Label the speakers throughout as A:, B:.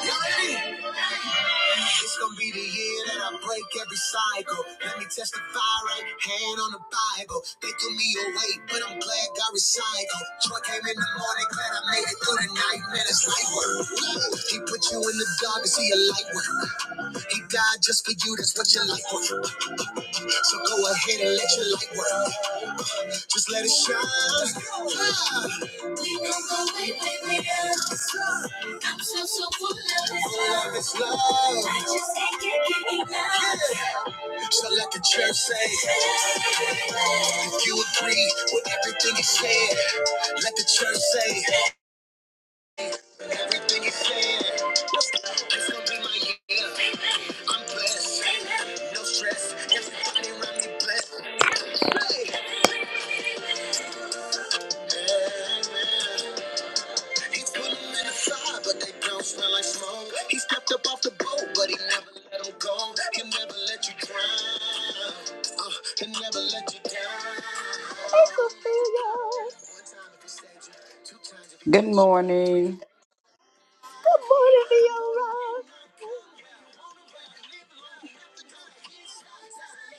A: You ready? It's gonna be the year that I break every cycle. Let me testify right hand on the Bible. They threw me away, but I'm glad God recycled. Joy came in the morning, glad I made it through the night. Man, it's light work. He put you in the dark to see a light work. He died just for you, that's what your life worth. So go ahead and let your light work. Just let it shine. We gon' go way, way beyond. I'm so, so full of this love. It's love. I just can't get, get enough. So let the church say, if you agree with everything he said, let the church say, everything he said. It's gonna be my year. I'm blessed. No stress. Everybody around me blessed. Say, amen. He put him in the fire, but they don't smell like smoke. He stepped up off the boat, but he never let him go. He'll never let you drown. Uh, he'll never let you down. One time if he saves you, two times if he
B: Good
A: bless you, three if he-
B: morning.
A: let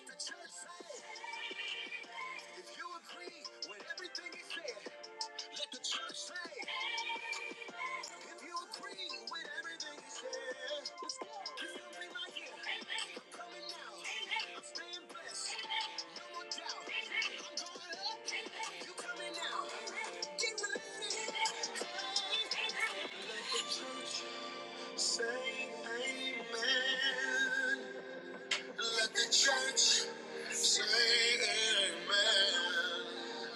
A: the church say. If you agree with everything he said, let the church say. If you agree with everything he said, can something like it. I'm coming now. I'm staying blessed. No more doubt. I'm going up. You coming now. Get ready. Let the church say amen. Let the church say amen.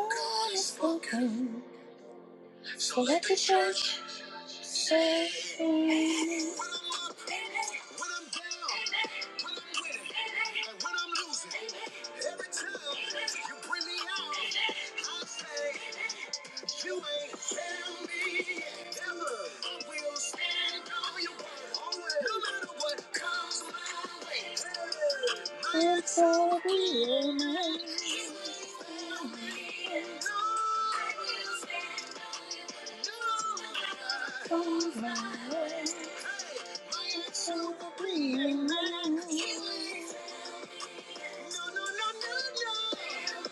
A: God is spoken. So let the church. I will be your man. You ain't tell me never. I will stand by you, no matter what comes my way. Superhuman. No, no, no, no, no. Tell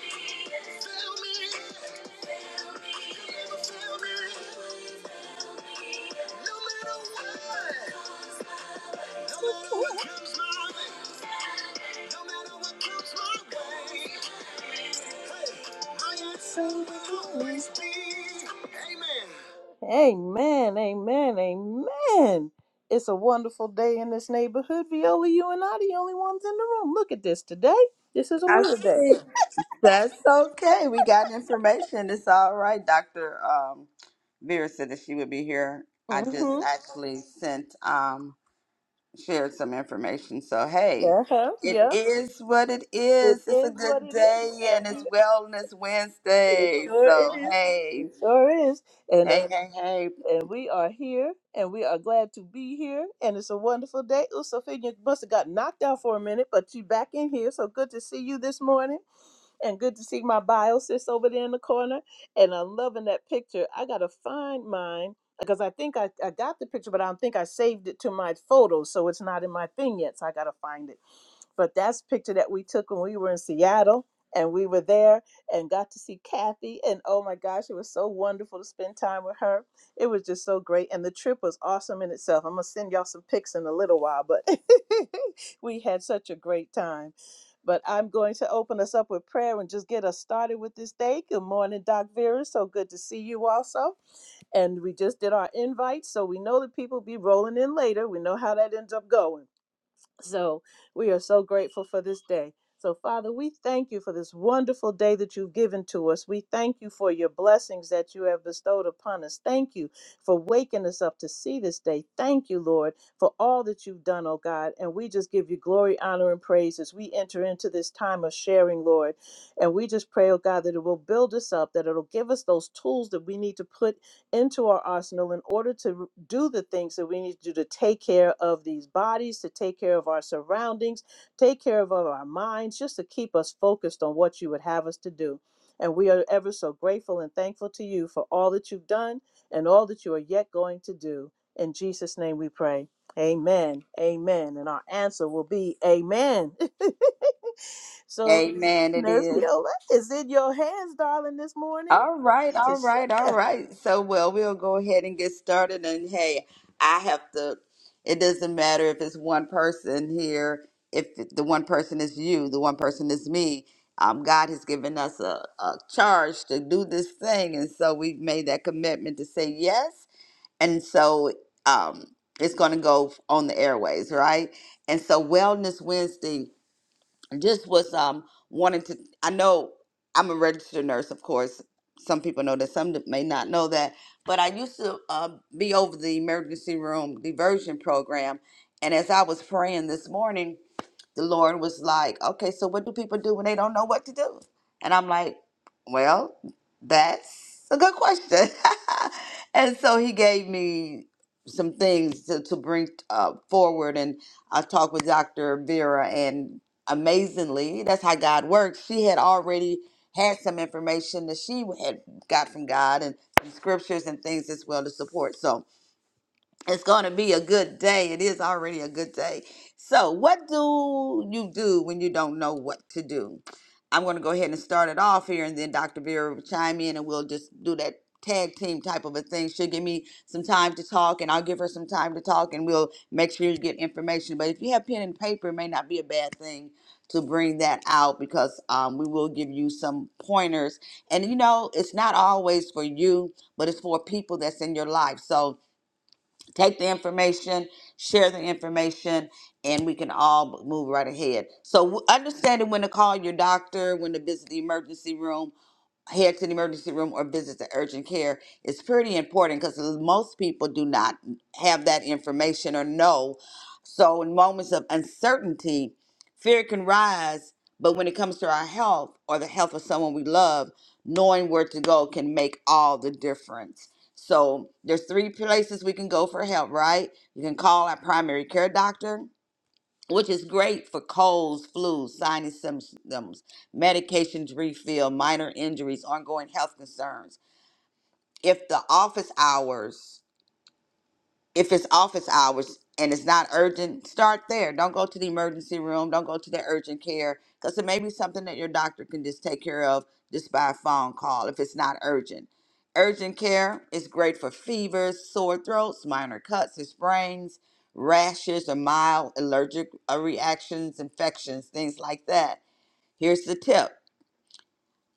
A: me, tell me, tell me, tell me, tell me. No matter what, no matter what comes my way, no matter what comes my way. Amen, amen, amen. It's a wonderful day in this neighborhood. Viola, you and I, the only ones in the room. Look at this today. This is a
B: I
A: weird day.
B: see. That's okay. We got information. It's all right. Dr. Um, Vera said that she would be here. I just
A: Mm-hmm.
B: actually sent, um, shared some information. So, hey,
A: Uh-huh.
B: it
A: Yep.
B: is what it
A: It
B: is. It's a
A: is what
B: good
A: it is.
B: day
A: And
B: and it's
A: we
B: Wellness
A: it
B: Wednesday.
A: sure
B: So,
A: is.
B: hey,
A: It sure is.
B: hey, hey, hey.
A: And we are here and we are glad to be here. And it's a wonderful day. Ooh, Sophia you must have got knocked out for a minute, but you back in here. So good to see you this morning. And good to see my bio sis over there in the corner. And I'm loving that picture. I gotta find mine because I think I, I got the picture, but I don't think I saved it to my photos, so it's not in my thing yet. So I gotta find it but that's a picture that we took when we were in Seattle and we were there and got to see Kathy and oh my gosh it was so wonderful to spend time with her it was just so great. And the trip was awesome in itself. I'm going to send y'all some pics in a little while, but we had such a great time. But I'm going to open us up with prayer and just get us started with this day. Good morning, Doc Vera. So good to see you also and we just did our invites, so we know that people be rolling in later. We know how that ends up going. So we are so grateful for this day. So, Father, we thank you for this wonderful day that you've given to us. We thank you for your blessings that you have bestowed upon us. Thank you for waking us up to see this day. Thank you, Lord, for all that you've done, oh God. And we just give you glory, honor, and praise as we enter into this time of sharing, Lord. And we just pray, oh God, that it will build us up, that it'll give us those tools that we need to put into our arsenal in order to r- do the things that we need to do to take care of these bodies, to take care of our surroundings, take care of our minds, just to keep us focused on what you would have us to do. And we are ever so grateful and thankful to you for all that you've done and all that you are yet going to do. In Jesus' name we pray. Amen. Amen. And our answer will be Amen. so,
B: Amen. It
A: Nurse
B: is.
A: Viola is in your hands, darling, this morning
B: All right,
A: to
B: all right, all
A: share.
B: right. So, well, we'll go ahead and get started. And hey, I have to, it doesn't matter if it's one person here, if the one person is you, the one person is me. Um, God has given us a, a charge to do this thing. And so we've made that commitment to say yes. And so um, it's going to go on the airways, right? And so, Wellness Wednesday just was um wanting to i know i'm a registered nurse of course some people know that some that may not know that but i used to uh, be over the emergency room diversion program and as i was praying this morning the lord was like okay so what do people do when they don't know what to do and i'm like well that's a good question and so he gave me some things to, to bring uh, forward and i talked with dr vera and amazingly, that's how God works. She had already had some information that she had got from God and some scriptures and things as well to support. So, it's going to be a good day. It is already a good day. So, what do you do when you don't know what to do? I'm going to go ahead and start it off here, and then Dr. Vera will chime in, and we'll just do that tag team type of a thing. She'll give me some time to talk, and I'll give her some time to talk, and we'll make sure you get information. But if you have pen and paper, it may not be a bad thing to bring that out because um, we will give you some pointers. And you know, it's not always for you, but it's for people that's in your life. So, take the information, share the information, and we can all move right ahead. So w- understanding when to call your doctor, when to visit the emergency room, head to the emergency room or visit the urgent care is pretty important because most people do not have that information or know. So, in moments of uncertainty, fear can rise. But when it comes to our health or the health of someone we love, knowing where to go can make all the difference. So, there's three places we can go for help, right? You can call our primary care doctor which is great for colds, flus, sinus symptoms, medications refill, minor injuries, ongoing health concerns. If the office hours if it's office hours and it's not urgent, start there. Don't go to the emergency room. Don't go to the urgent care because it may be something that your doctor can just take care of just by a phone call if it's not urgent. Urgent care is great for fevers, sore throats, minor cuts and sprains, rashes, or mild allergic uh, reactions, infections, things like that. Here's the tip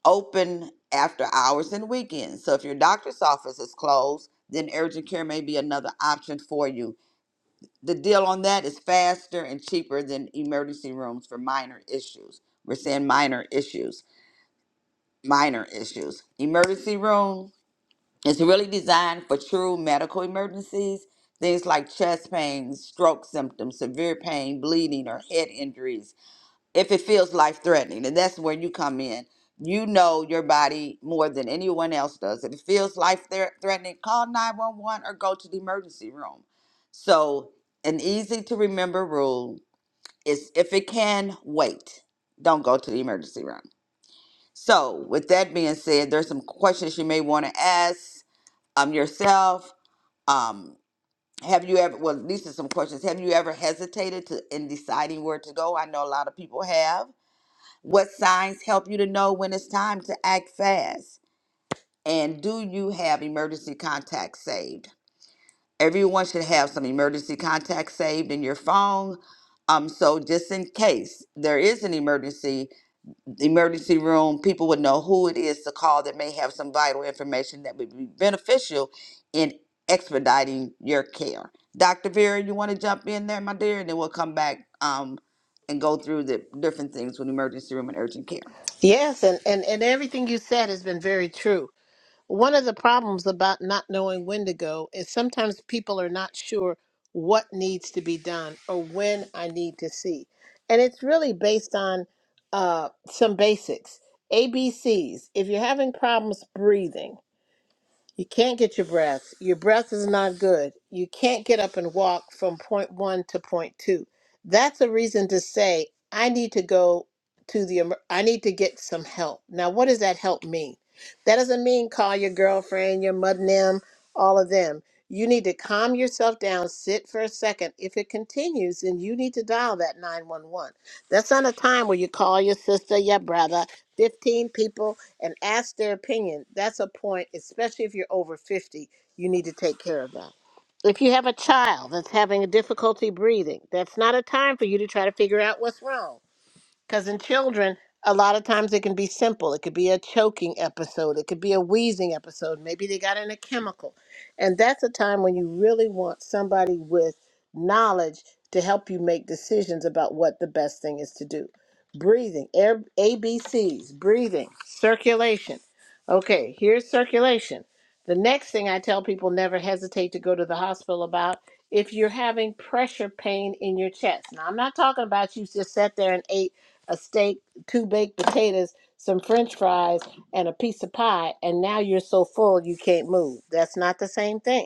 B: open after hours and weekends. So if your doctor's office is closed, then urgent care may be another option for you the deal on that is faster and cheaper than emergency rooms for minor issues. We're saying minor issues, minor issues. Emergency room is really designed for true medical emergencies, things like chest pain, stroke symptoms, severe pain, bleeding, or head injuries if it feels life threatening. And that's where you come in. You know your body more than anyone else does. If it feels life thre- threatening, call 911 or go to the emergency room. So, an easy to remember rule is if it can wait, don't go to the emergency room. So, with that being said, there's some questions you may want to ask um, yourself. Um, have you ever, well, these are some questions. Have you ever hesitated to in deciding where to go? I know a lot of people have what signs help you to know when it's time to act fast? And do you have emergency contacts saved? Everyone should have some emergency contacts saved in your phone. Um, so just in case there is an emergency, the emergency room, people would know who it is to call that may have some vital information that would be beneficial in expediting your care. Dr. Vera, you want to jump in there, my dear, and then we'll come back um, and go through the different things with emergency room and urgent care.
C: Yes, and, and, and everything you said has been very true. One of the problems about not knowing when to go is sometimes people are not sure what needs to be done or when I need to see. And it's really based on uh, some basics ABCs. If you're having problems breathing, you can't get your breath. Your breath is not good. You can't get up and walk from point one to point two. That's a reason to say, I need to go to the, emer- I need to get some help. Now, what does that help mean? That doesn't mean call your girlfriend, your mud nem, all of them. You need to calm yourself down, sit for a second. If it continues, then you need to dial that 911. That's not a time where you call your sister, your brother. 15 people and ask their opinion. That's a point, especially if you're over 50, you need to take care of that. If you have a child that's having a difficulty breathing, that's not a time for you to try to figure out what's wrong because in children, a lot of times it can be simple. It could be a choking episode. It could be a wheezing episode. Maybe they got in a chemical. And that's a time when you really want somebody with knowledge to help you make decisions about what the best thing is to do. Breathing, air, A B C's, breathing, circulation. Okay, here's circulation. The next thing I tell people never hesitate to go to the hospital about if you're having pressure pain in your chest. Now, I'm not talking about you just sat there and ate a steak, two baked potatoes, some french fries, and a piece of pie, and now you're so full you can't move. That's not the same thing.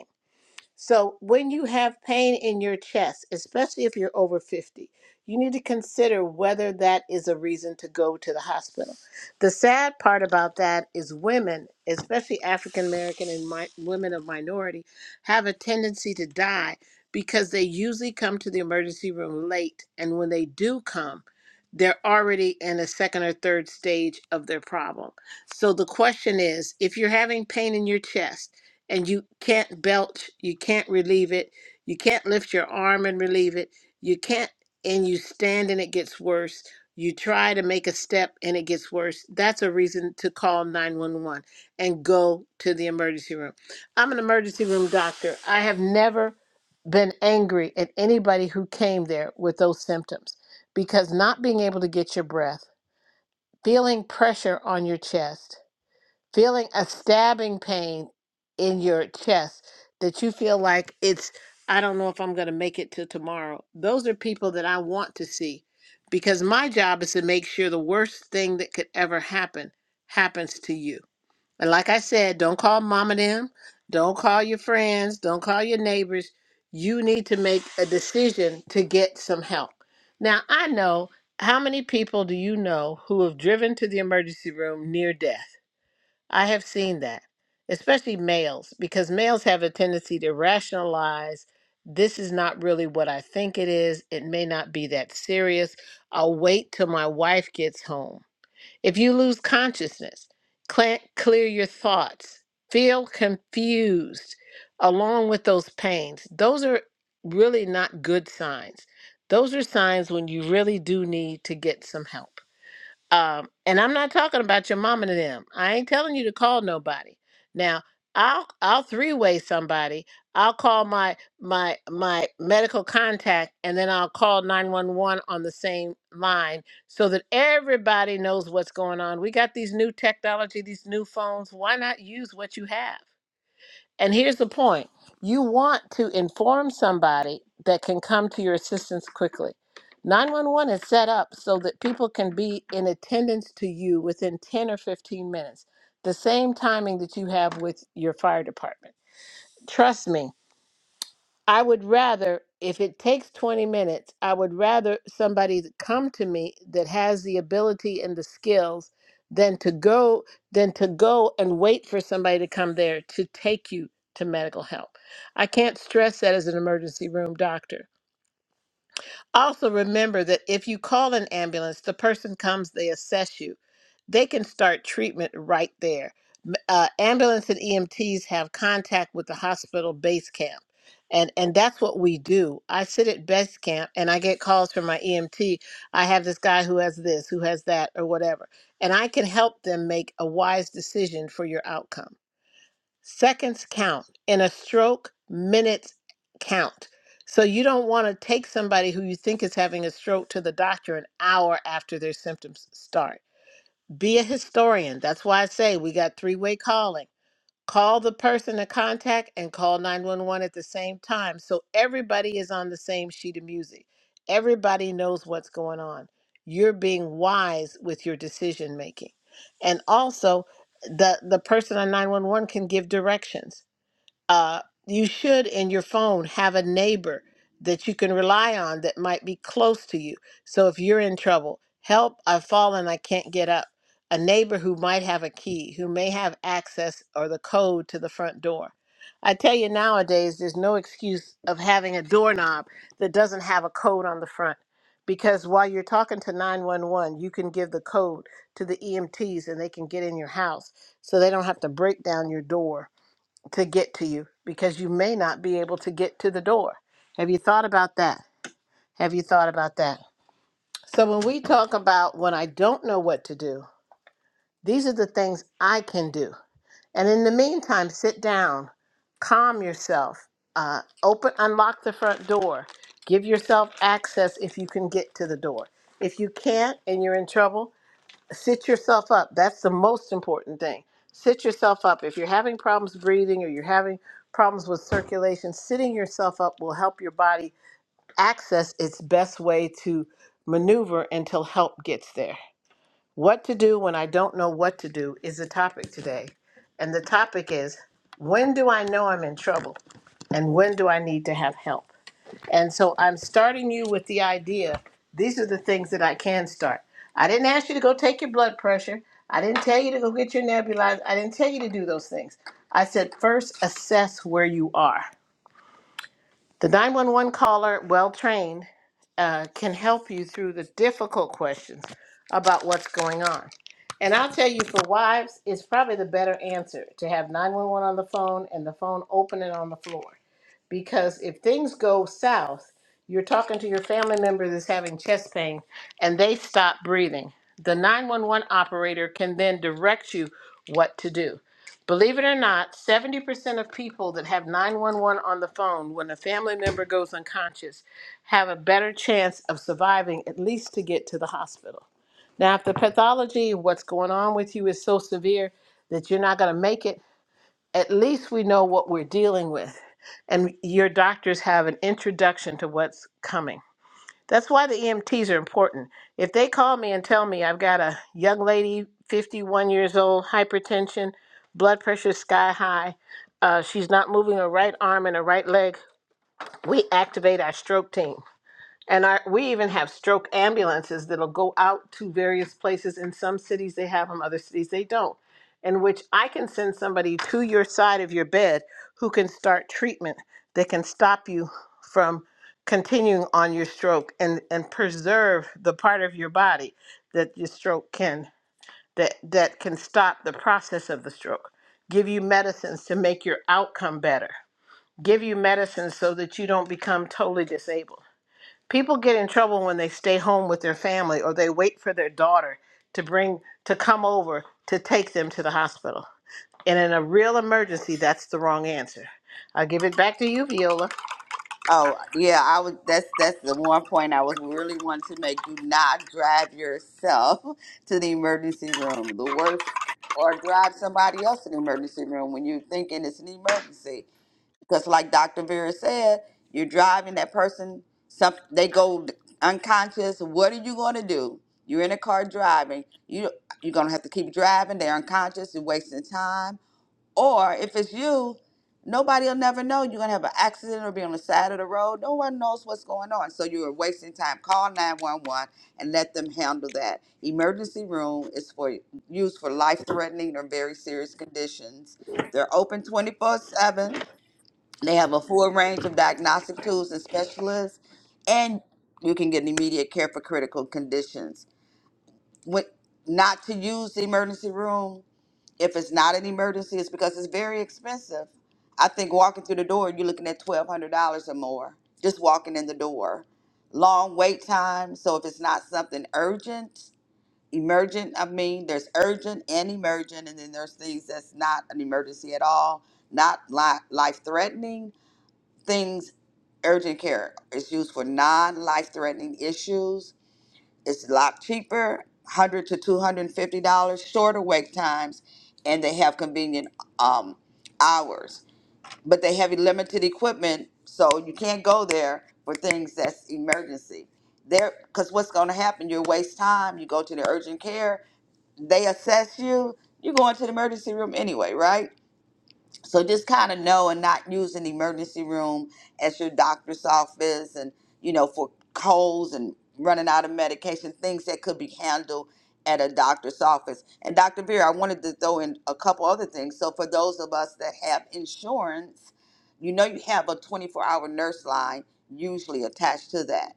C: So, when you have pain in your chest, especially if you're over 50, you need to consider whether that is a reason to go to the hospital. The sad part about that is women, especially African American and mi- women of minority, have a tendency to die because they usually come to the emergency room late. And when they do come, they're already in a second or third stage of their problem. So, the question is if you're having pain in your chest, and you can't belch, you can't relieve it, you can't lift your arm and relieve it, you can't, and you stand and it gets worse. You try to make a step and it gets worse. That's a reason to call 911 and go to the emergency room. I'm an emergency room doctor. I have never been angry at anybody who came there with those symptoms because not being able to get your breath, feeling pressure on your chest, feeling a stabbing pain in your chest that you feel like it's I don't know if I'm going to make it to tomorrow. Those are people that I want to see because my job is to make sure the worst thing that could ever happen happens to you. And like I said, don't call mom and them, don't call your friends, don't call your neighbors. You need to make a decision to get some help. Now, I know how many people do you know who have driven to the emergency room near death? I have seen that, especially males, because males have a tendency to rationalize this is not really what I think it is. It may not be that serious. I'll wait till my wife gets home. If you lose consciousness, cla clear your thoughts, feel confused along with those pains, those are really not good signs. Those are signs when you really do need to get some help. Um, and I'm not talking about your mom and them. I ain't telling you to call nobody. Now, I'll I'll three way somebody. I'll call my my my medical contact, and then I'll call nine one one on the same line so that everybody knows what's going on. We got these new technology, these new phones. Why not use what you have? And here's the point you want to inform somebody that can come to your assistance quickly. 911 is set up so that people can be in attendance to you within 10 or 15 minutes, the same timing that you have with your fire department. Trust me, I would rather, if it takes 20 minutes, I would rather somebody to come to me that has the ability and the skills than to go than to go and wait for somebody to come there to take you to medical help. I can't stress that as an emergency room doctor also, remember that if you call an ambulance, the person comes, they assess you. They can start treatment right there. M- Uh, ambulance and EMTs have contact with the hospital base camp. And, and that's what we do. I sit at base camp and I get calls from my EMT. I have this guy who has this, who has that, or whatever. And I can help them make a wise decision for your outcome. Seconds count. In a stroke, minutes count. So you don't want to take somebody who you think is having a stroke to the doctor an hour after their symptoms start. Be a historian. That's why I say we got three way calling. Call the person to contact and call 911 at the same time so everybody is on the same sheet of music. Everybody knows what's going on. You're being wise with your decision making. And also, the, the person on 911 can give directions uh, you should in your phone have a neighbor that you can rely on that might be close to you. So if you're in trouble, help, I've fallen, I can't get up. A neighbor who might have a key, who may have access or the code to the front door. I tell you nowadays, there's no excuse of having a doorknob that doesn't have a code on the front. Because while you're talking to 911, you can give the code to the EMTs and they can get in your house so they don't have to break down your door to get to you because you may not be able to get to the door. Have you thought about that? Have you thought about that? So, when we talk about when I don't know what to do, these are the things I can do. And in the meantime, sit down, calm yourself, uh, open, unlock the front door, give yourself access if you can get to the door. If you can't and you're in trouble, sit yourself up. That's the most important thing. Sit yourself up. If you're having problems breathing or you're having problems with circulation, sitting yourself up will help your body access its best way to maneuver until help gets there. What to do when I don't know what to do is the topic today. And the topic is when do I know I'm in trouble and when do I need to have help? And so I'm starting you with the idea these are the things that I can start. I didn't ask you to go take your blood pressure. I didn't tell you to go get your nebulizer. I didn't tell you to do those things. I said, first, assess where you are. The 911 caller, well trained, uh, can help you through the difficult questions about what's going on. And I'll tell you, for wives, it's probably the better answer to have 911 on the phone and the phone open and on the floor because if things go south, you're talking to your family member that's having chest pain and they stop breathing. The 911 operator can then direct you what to do. Believe it or not, 70% of people that have 911 on the phone when a family member goes unconscious have a better chance of surviving at least to get to the hospital. Now, if the pathology, what's going on with you, is so severe that you're not going to make it, at least we know what we're dealing with. And your doctors have an introduction to what's coming. That's why the EMTs are important. If they call me and tell me I've got a young lady, 51 years old, hypertension, blood pressure sky high, uh, she's not moving her right arm and her right leg, we activate our stroke team and our, we even have stroke ambulances that'll go out to various places. In some cities, they have them, other cities, they don't. In which I can send somebody to your side of your bed who can start treatment that can stop you from continuing on your stroke and, and preserve the part of your body that your stroke can, that, that can stop the process of the stroke. Give you medicines to make your outcome better. Give you medicines so that you don't become totally disabled people get in trouble when they stay home with their family or they wait for their daughter to bring to come over to take them to the hospital and in a real emergency that's the wrong answer i'll give it back to you viola
B: Oh yeah, I was. That's that's the one point I was really wanting to make. Do not drive yourself to the emergency room. The worst, or drive somebody else to the emergency room when you're thinking it's an emergency. Because like Dr. Vera said, you're driving that person. Some they go unconscious. What are you going to do? You're in a car driving. You you're gonna have to keep driving. They're unconscious. You're wasting time or if it's you, nobody will never know. You're gonna have an accident or be on the side of the road. No one knows what's going on. So you are wasting time. Call 911 and let them handle that. Emergency room is for used for life threatening or very serious conditions. They're open 24 7. They have a full range of diagnostic tools and specialists, and you can get immediate care for critical conditions. What not to use the emergency room? If it's not an emergency, it's because it's very expensive. I think walking through the door, you're looking at twelve hundred dollars or more just walking in the door. Long wait time. So if it's not something urgent, emergent, I mean, there's urgent and emergent, and then there's things that's not an emergency at all, not life threatening things. Urgent care is used for non life threatening issues it's a lot cheaper, hundred to two hundred and fifty dollars, shorter wait times, and they have convenient um, hours. But they have limited equipment, so you can't go there for things that's emergency. There, because what's going to happen? You waste time. You go to the urgent care. They assess you. You go into the emergency room anyway, right? So just kind of know and not use an emergency room as your doctor's office and, you know, for colds and running out of medication, things that could be handled at a doctor's office. And Dr. Vera, I wanted to throw in a couple other things. So for those of us that have insurance, you know you have a 24 hour nurse line usually attached to that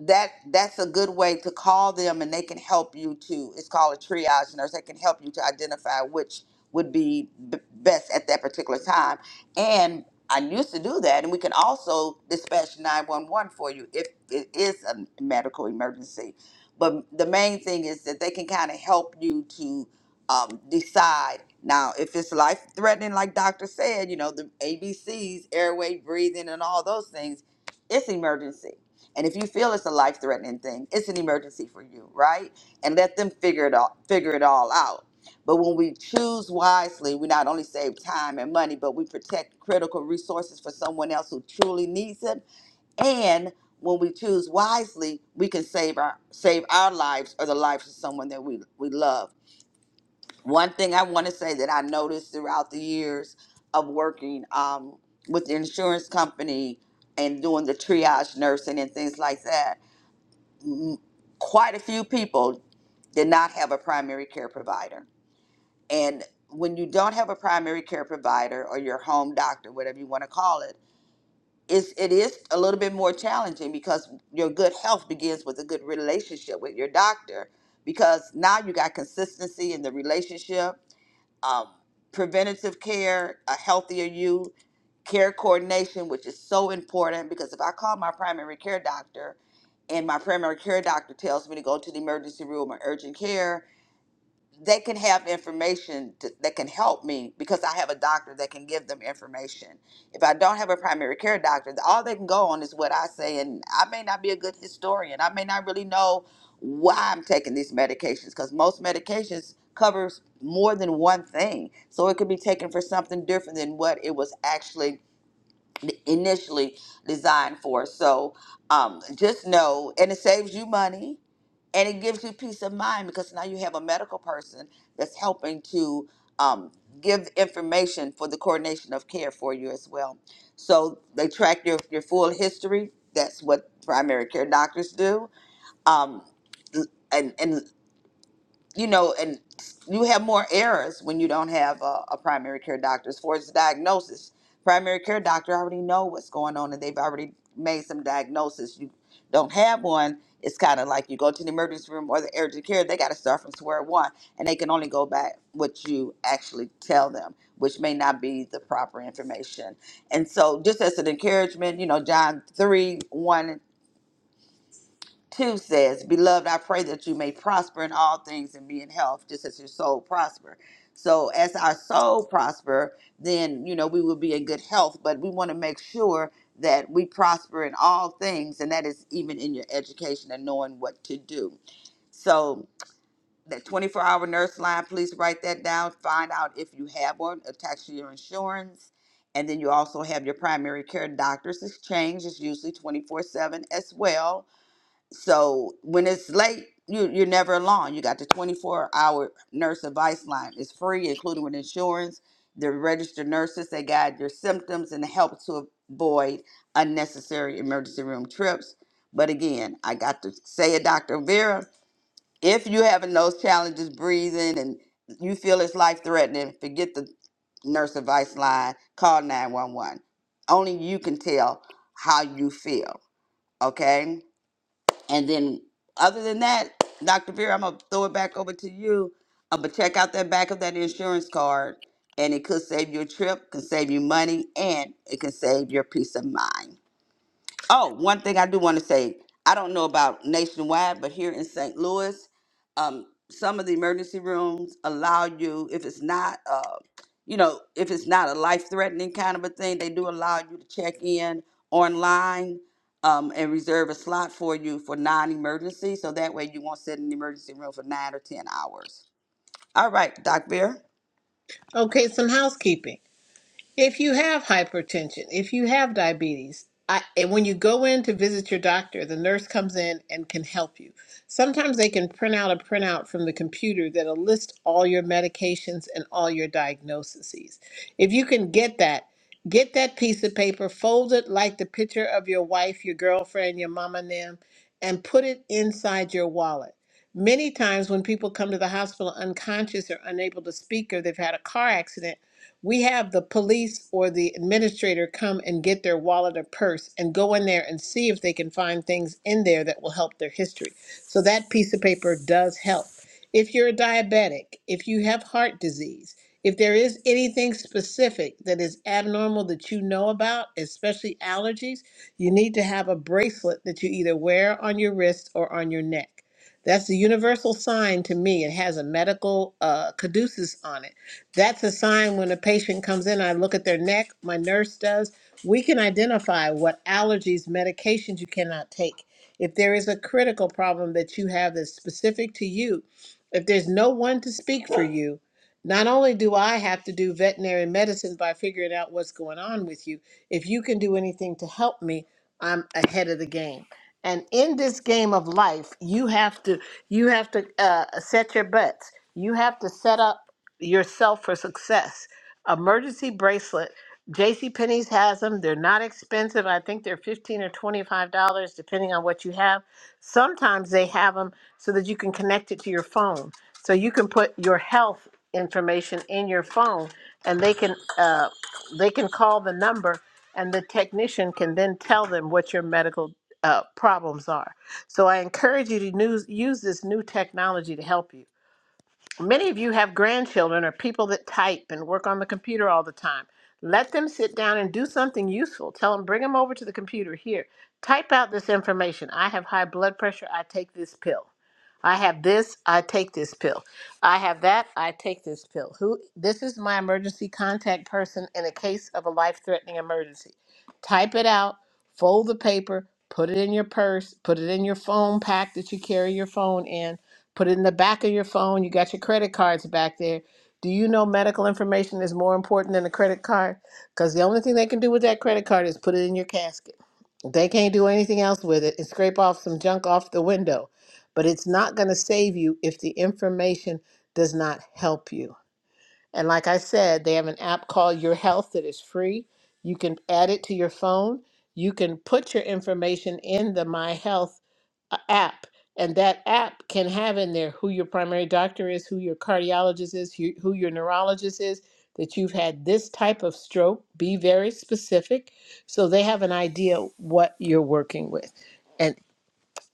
B: that that's a good way to call them and they can help you to it's called a triage nurse they can help you to identify which would be b- best at that particular time and i used to do that and we can also dispatch 911 for you if it is a medical emergency but the main thing is that they can kind of help you to um, decide now if it's life threatening like doctor said you know the abcs airway breathing and all those things it's emergency and if you feel it's a life threatening thing, it's an emergency for you, right? And let them figure it all figure it all out. But when we choose wisely, we not only save time and money, but we protect critical resources for someone else who truly needs it. And when we choose wisely, we can save our save our lives or the lives of someone that we, we love. One thing I want to say that I noticed throughout the years of working um, with the insurance company and doing the triage nursing and things like that quite a few people did not have a primary care provider. And when you don't have a primary care provider or your home doctor, whatever you want to call it, it's, it is a little bit more challenging because your good health begins with a good relationship with your doctor because now you got consistency in the relationship um, preventative care, a healthier you, care coordination, which is so important because if I call my primary care doctor and my primary care doctor tells me to go to the emergency room or urgent care, they can have information t- that can help me because I have a doctor that can give them information. If I don't have a primary care doctor, all they can go on is what I say, and I may not be a good historian. I may not really know why I'm taking these medications because most medications covers more than one thing, so it could be taken for something different than what it was actually initially designed for. So um, just know, and it saves you money and it gives you peace of mind because now you have a medical person that's helping to um, give information for the coordination of care for you as well. So they track your, your full history. That's what primary care doctors do. Um, and, and you know, and you have more errors when you don't have a, a primary care doctor as far as the diagnosis. Primary care doctor already know what's going on and they've already made some diagnosis. You don't have one, it's kind of like you go to the emergency room or the urgent care, they got to start from square one and they can only go back what you actually tell them, which may not be the proper information. And so just as an encouragement, you know, John 3, 1 2 says, Beloved, I pray that you may prosper in all things and be in health, just as your soul prosper. So as our soul prosper, then you know we will be in good health, but we want to make sure that we prosper in all things, and that is even in your education and knowing what to do. So that 24 hour nurse line, please write that down. Find out if you have one attached to your insurance. And then you also have your primary care doctor's exchange, is usually 24 7 as well so when it's late, you you're never alone. You got the 24 hour nurse advice line. It's free, including with insurance. The registered nurses they guide your symptoms and help to avoid unnecessary emergency room trips. But again, I got to say it, Dr. Vera, if you're having those challenges breathing and you feel it's life threatening, forget the nurse advice line. Call 911. Only you can tell how you feel. Okay and then, other than that, Dr. Vera, I'm gonna throw it back over to you. I'm gonna check out that back of that insurance card, and it could save you a trip, can save you money, and it can save your peace of mind. Oh, one thing I do want to say, I don't know about nationwide, but here in St. Louis, um, some of the emergency rooms allow you, if it's not, uh, you know, if it's not a life-threatening kind of a thing, they do allow you to check in online um, and reserve a slot for you for non-emergency, so that way you won't sit in the emergency room for nine or ten hours. All right, Doc Beer.
C: okay some housekeeping If you have hypertension, if you have diabetes, I, and when you go in to visit your doctor, the nurse comes in and can help you. Sometimes they can print out a printout from the computer that'll list all your medications and all your diagnoses. If you can get that, get that piece of paper, fold it like the picture of your wife, your girlfriend, your mama, and them, and put it inside your wallet. Many times when people come to the hospital unconscious or unable to speak or they've had a car accident, we have the police or the administrator come and get their wallet or purse and go in there and see if they can find things in there that will help their history. So that piece of paper does help. If you're a diabetic, if you have heart disease, if there is anything specific that is abnormal that you know about, especially allergies, you need to have a bracelet that you either wear on your wrist or on your neck. That's the universal sign to me. It has a medical uh, caduceus on it that's a sign when a patient comes in, I look at their neck, my nurse does. We can identify what allergies, medications you cannot take. If there is a critical problem that you have that's specific to you, if there's no one to speak for you, not only do I have to do veterinary medicine by figuring out what's going on with you, if you can do anything to help me, I'm ahead of the game. And in this game of life, you have to you have to uh, set your butts. You have to set up yourself for success. Emergency bracelet. JC Penney's has them. They're not expensive. I think they're 15 or $25 depending on what you have. Sometimes they have them so that you can connect it to your phone. So you can put your health information in your phone and they can uh, they can call the number and the technician can then tell them what your medical uh, problems are. So I encourage you to use, use this new technology to help you. Many of you have grandchildren or people that type and work on the computer all the time. Let them sit down and do something useful. Tell them, bring them over to the computer. Here, type out this information. I have high blood pressure. I take this pill. I have this. I take this pill. I have that. I take this pill. Who? This is my emergency contact person in a case of a life-threatening emergency. Type it out. Fold the paper. Put it in your purse. Put it in your phone pack that you carry your phone in Put it in the back of your phone. You got your credit cards back there. Do you know medical information is more important than a credit card? Because the only thing they can do with that credit card is put it in your casket. They can't do anything else with it and scrape off some junk off the window. But it's not going to save you if the information does not help you. And like I said, they have an app called Your Health that is free. You can add it to your phone. You can put your information in the My Health a app and that app can have in there who your primary doctor is who your cardiologist is who, who your neurologist is that you've had this type of stroke be very specific so they have an idea what you're working with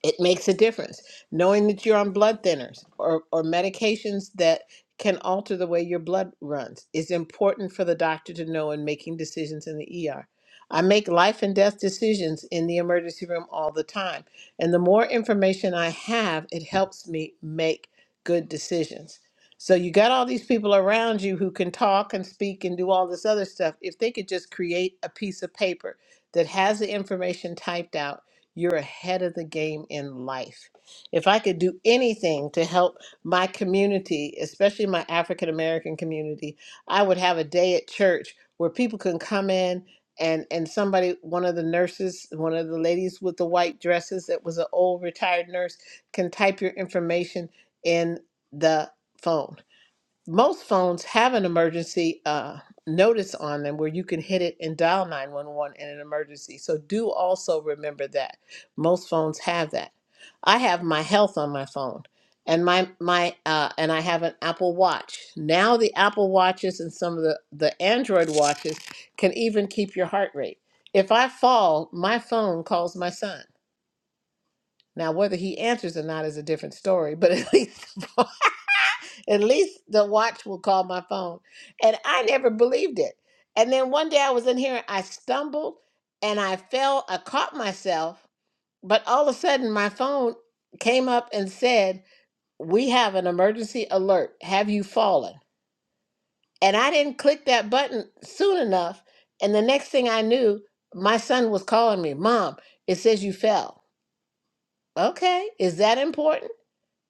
C: it makes a difference knowing that you're on blood thinners or, or medications that can alter the way your blood runs is important for the doctor to know in making decisions in the ER. I make life and death decisions in the emergency room all the time. And the more information I have, it helps me make good decisions. So you got all these people around you who can talk and speak and do all this other stuff. If they could just create a piece of paper that has the information typed out you're ahead of the game in life. If I could do anything to help my community, especially my African American community, I would have a day at church where people can come in and and somebody one of the nurses one of the ladies with the white dresses that was an old retired nurse can type your information in the phone most phones have an emergency uh, notice on them where you can hit it and dial 911 in an emergency. So do also remember that. Most phones have that. I have my health on my phone and my my uh, and I have an Apple Watch. Now the Apple Watches and some of the the Android watches can even keep your heart rate. If I fall, my phone calls my son. Now whether he answers or not is a different story, but at least At least the watch will call my phone. And I never believed it. And then one day I was in here and I stumbled and I fell. I caught myself, but all of a sudden my phone came up and said, We have an emergency alert. Have you fallen? And I didn't click that button soon enough. And the next thing I knew, my son was calling me, Mom, it says you fell. Okay, is that important?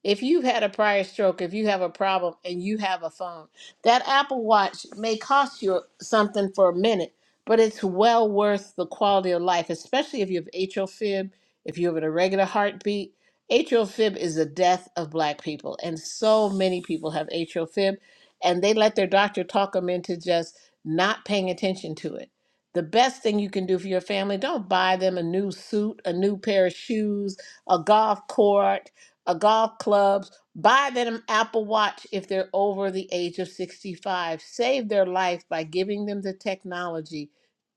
C: If you've had a prior stroke, if you have a problem and you have a phone, that Apple Watch may cost you something for a minute, but it's well worth the quality of life, especially if you have atrial fib, if you have an irregular heartbeat. Atrial fib is the death of black people, and so many people have atrial fib, and they let their doctor talk them into just not paying attention to it. The best thing you can do for your family, don't buy them a new suit, a new pair of shoes, a golf court, uh, golf clubs, buy them Apple Watch if they're over the age of 65. Save their life by giving them the technology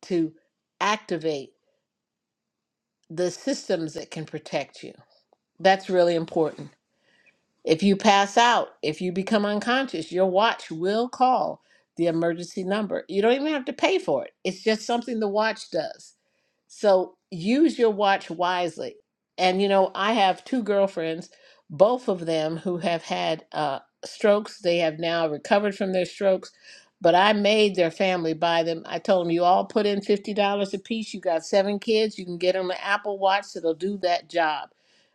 C: to activate the systems that can protect you. That's really important. If you pass out, if you become unconscious, your watch will call the emergency number. You don't even have to pay for it, it's just something the watch does. So use your watch wisely. And you know, I have two girlfriends, both of them who have had uh, strokes. They have now recovered from their strokes, but I made their family buy them. I told them, you all put in $50 a piece. You got seven kids, you can get them an Apple Watch that'll do that job.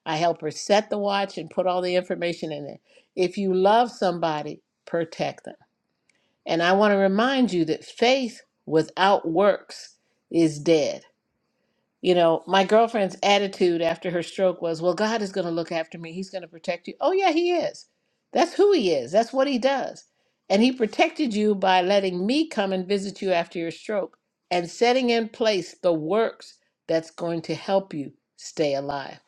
C: I help her set the watch and put all the information in there. If you love somebody, protect them. And I want to remind you that faith without works is dead. You know, my girlfriend's attitude after her stroke was, well, God is going to look after me. He's going to protect you. Oh, yeah, He is. That's who He is. That's what He does. And He protected you by letting me come and visit you after your stroke and setting in place the works that's going to help you stay alive.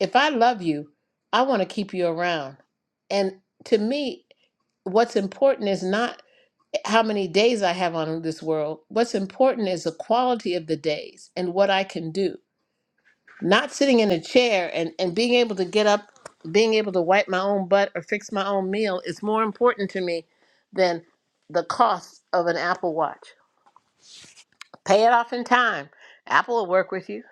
C: If I love you, I want to keep you around. And to me, what's important is not how many days I have on this world. What's important is the quality of the days and what I can do not sitting in a chair and, and being able to get up, being able to wipe my own butt or fix my own meal is more important to me than the cost of an Apple Watch. Pay it off in time. Apple will work with you.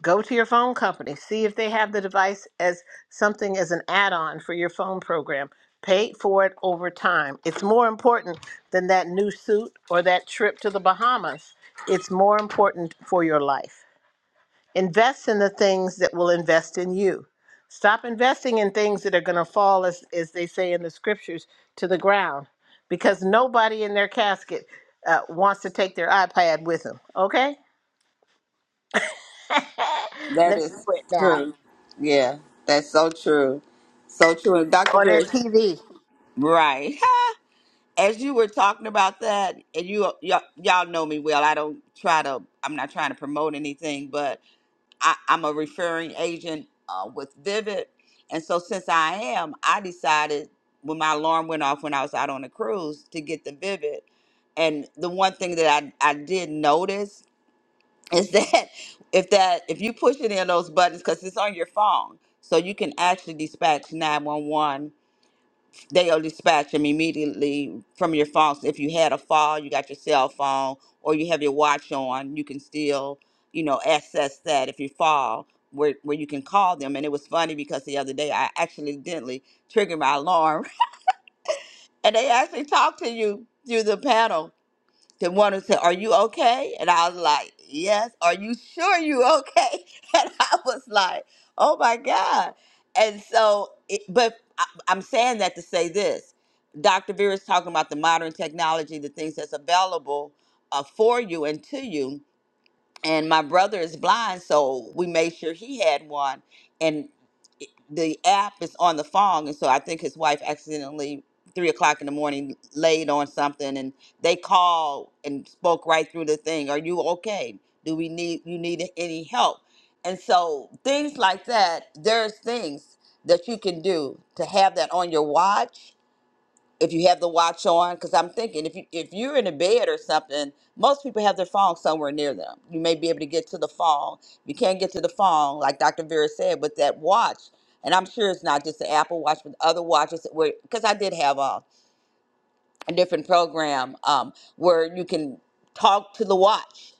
C: Go to your phone company. See if they have the device as something as an add on for your phone program. Pay for it over time. It's more important than that new suit or that trip to the Bahamas. It's more important for your life. Invest in the things that will invest in you. Stop investing in things that are going to fall, as, as they say in the scriptures, to the ground because nobody in their casket uh, wants to take their iPad with them. Okay?
B: That
C: Let me
B: is
C: quit now.
B: true. Yeah, that's so true. So true. And Dr.
C: Or their
B: Beer,
C: TV.
B: right. as you were talking about that, and you y'all, y'all know me well. I don't try to. I'm not trying to promote anything, but I, I'm a referring agent uh, with Vivid, and so since I am, I decided when my alarm went off when I was out on a cruise to get the Vivid. And the one thing that I, I did notice is that if that if you push it in those buttons because it's on your phone, so you can actually dispatch 911 they'll dispatch them immediately from your phone. So if you had a fall, you got your cell phone, or you have your watch on, you can still, you know, access that if you fall, where where you can call them. And it was funny because the other day I accidentally triggered my alarm, and they actually talked to you through the panel the one who said, Are you okay? And I was like, Yes. Are you sure you okay? And I was like, Oh my God. And so, it, but I, I'm saying that to say this Dr. Vera is talking about the modern technology, the things that's available uh, for you and to you and my brother is blind, so we made sure he had one. And it- the app is on the phone, and so I think his wife accidentally three o'clock in the morning laid on something, and they called and spoke right through the thing. Are you okay? Do we need you need any help? And so things like that. There's things that you can do to have that on your watch if you have the watch on because i'm thinking if you if you're in a bed or something most people have their phone somewhere near them you may be able to get to the phone if you can't get to the phone like dr vera said with that watch and i'm sure it's not just the apple watch but other watches because i did have a, a different program um, where you can talk to the watch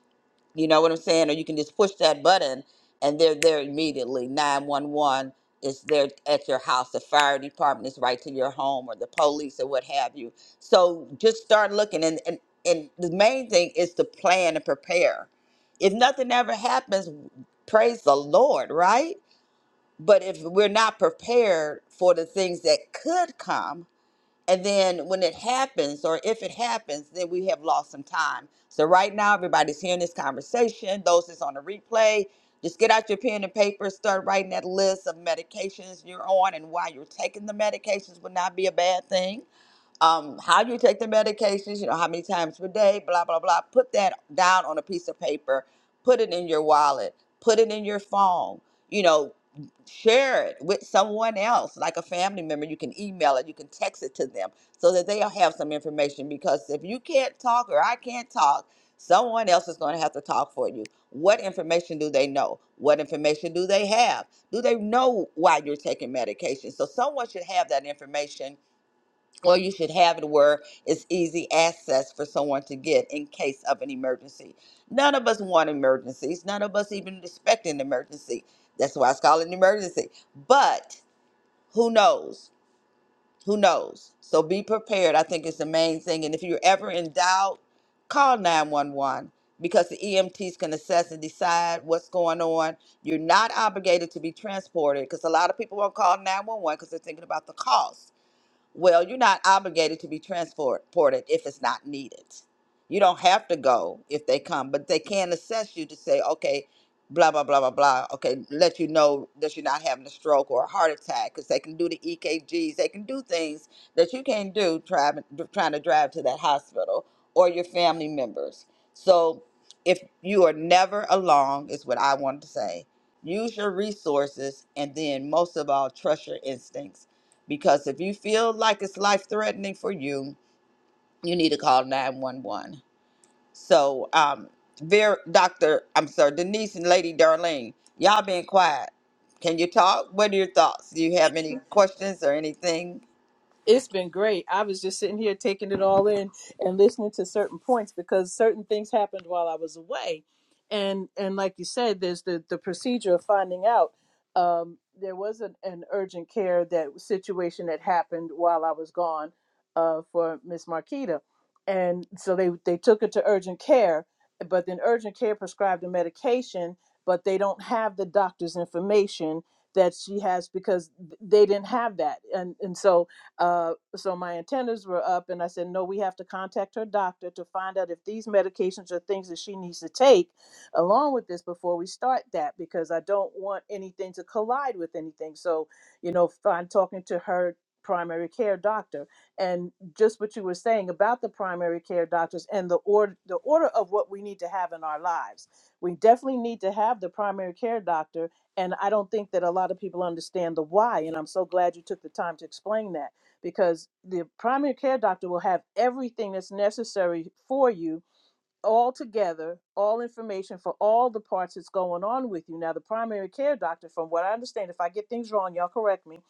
B: you know what I'm saying? Or you can just push that button and they're there immediately. 911 is there at your house. The fire department is right to your home or the police or what have you. So just start looking. And, and, and the main thing is to plan and prepare. If nothing ever happens, praise the Lord, right? But if we're not prepared for the things that could come, and then when it happens, or if it happens, then we have lost some time. So right now, everybody's hearing this conversation. Those that's on the replay, just get out your pen and paper, start writing that list of medications you're on and why you're taking the medications would not be a bad thing um, how you take the medications, you know, how many times per day, blah, blah, blah. Put that down on a piece of paper, put it in your wallet, put it in your phone, you know, share it with someone else, like a family member. You can email it, you can text it to them so that they'll have some information. Because if you can't talk or I can't talk, someone else is going to have to talk for you. What information do they know? What information do they have? Do they know why you're taking medication? So someone should have that information or you should have it where it's easy access for someone to get in case of an emergency. None of us want emergencies. None of us even expect an emergency. That's why it's called an emergency. But who knows? Who knows? So be prepared. I think it's the main thing. And if you're ever in doubt, call 911 because the EMTs can assess and decide what's going on. You're not obligated to be transported because a lot of people won't call 911 because they're thinking about the cost well, you're not obligated to be transported if it's not needed. You don't have to go if they come, but they can assess you to say, okay, blah, blah, blah, blah, blah. Okay, let you know that you're not having a stroke or a heart attack because they can do the EKGs. They can do things that you can't do driving, trying to drive to that hospital or your family members. So if you are never alone, is what I wanted to say. Use your resources and then most of all, trust your instincts because if you feel like it's life threatening for you, you need to call 911. So, um, Vera, Dr. I'm sorry, Denise and Lady Darlene, y'all been quiet. Can you talk? What are your thoughts? Do you have any questions or anything?
A: It's been great. I was just sitting here taking it all in and listening to certain points because certain things happened while I was away. And and like you said, there's the, the procedure of finding out. Um, there was an, an urgent care that situation that happened while I was gone uh, for Miss Marquita. And so they, they took her to urgent care, but then urgent care prescribed a medication, but they don't have the doctor's information that she has because they didn't have that. And and so uh, so my antennas were up, and I said, No, we have to contact her doctor to find out if these medications are things that she needs to take along with this before we start that, because I don't want anything to collide with anything. So, you know, I'm talking to her primary care doctor and just what you were saying about the primary care doctors and the order the order of what we need to have in our lives we definitely need to have the primary care doctor and i don't think that a lot of people understand the why and i'm so glad you took the time to explain that because the primary care doctor will have everything that's necessary for you all together, all information for all the parts that's going on with you. Now, the primary care doctor, from what I understand, if I get things wrong, y'all correct me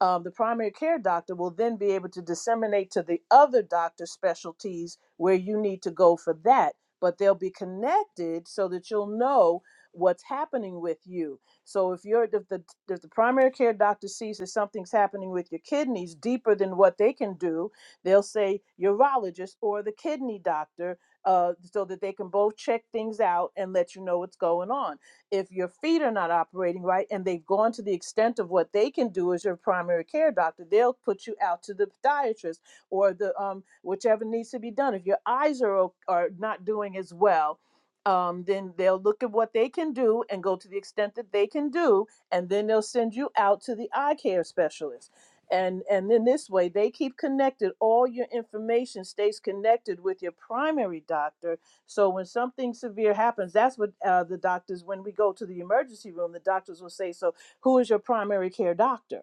A: um, the primary care doctor will then be able to disseminate to the other doctor specialties where you need to go for that. But they'll be connected so that you'll know what's happening with you. So if you're if the if the primary care doctor sees that something's happening with your kidneys deeper than what they can do, they'll say urologist or the kidney doctor, uh, so that they can both check things out and let you know what's going on if your feet are not operating right and they've gone to the extent of what they can do as your primary care doctor, they'll put you out to the podiatrist or the um, whichever needs to be done. If your eyes are are not doing as well, um, then they'll look at what they can do and go to the extent that they can do, and then they'll send you out to the eye care specialist. And and then this way they keep connected. All your information stays connected with your primary doctor so when something severe happens, that's what uh, the doctors, when we go to the emergency room, the doctors will say, "So who is your primary care doctor?"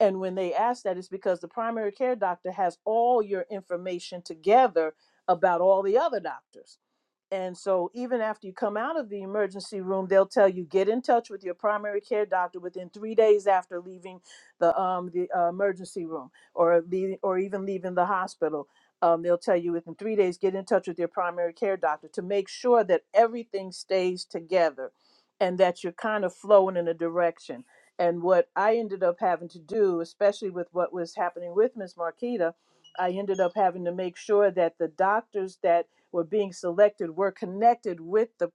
A: And when they ask that, it's because the primary care doctor has all your information together about all the other doctors. And so, even after you come out of the emergency room, they'll tell you get in touch with your primary care doctor within three days after leaving the um, the uh, emergency room, or leaving, or even leaving the hospital. Um, they'll tell you within three days get in touch with your primary care doctor to make sure that everything stays together, and that you're kind of flowing in a direction. And what I ended up having to do, especially with what was happening with Miss Marquita, I ended up having to make sure that the doctors that were being selected were connected with the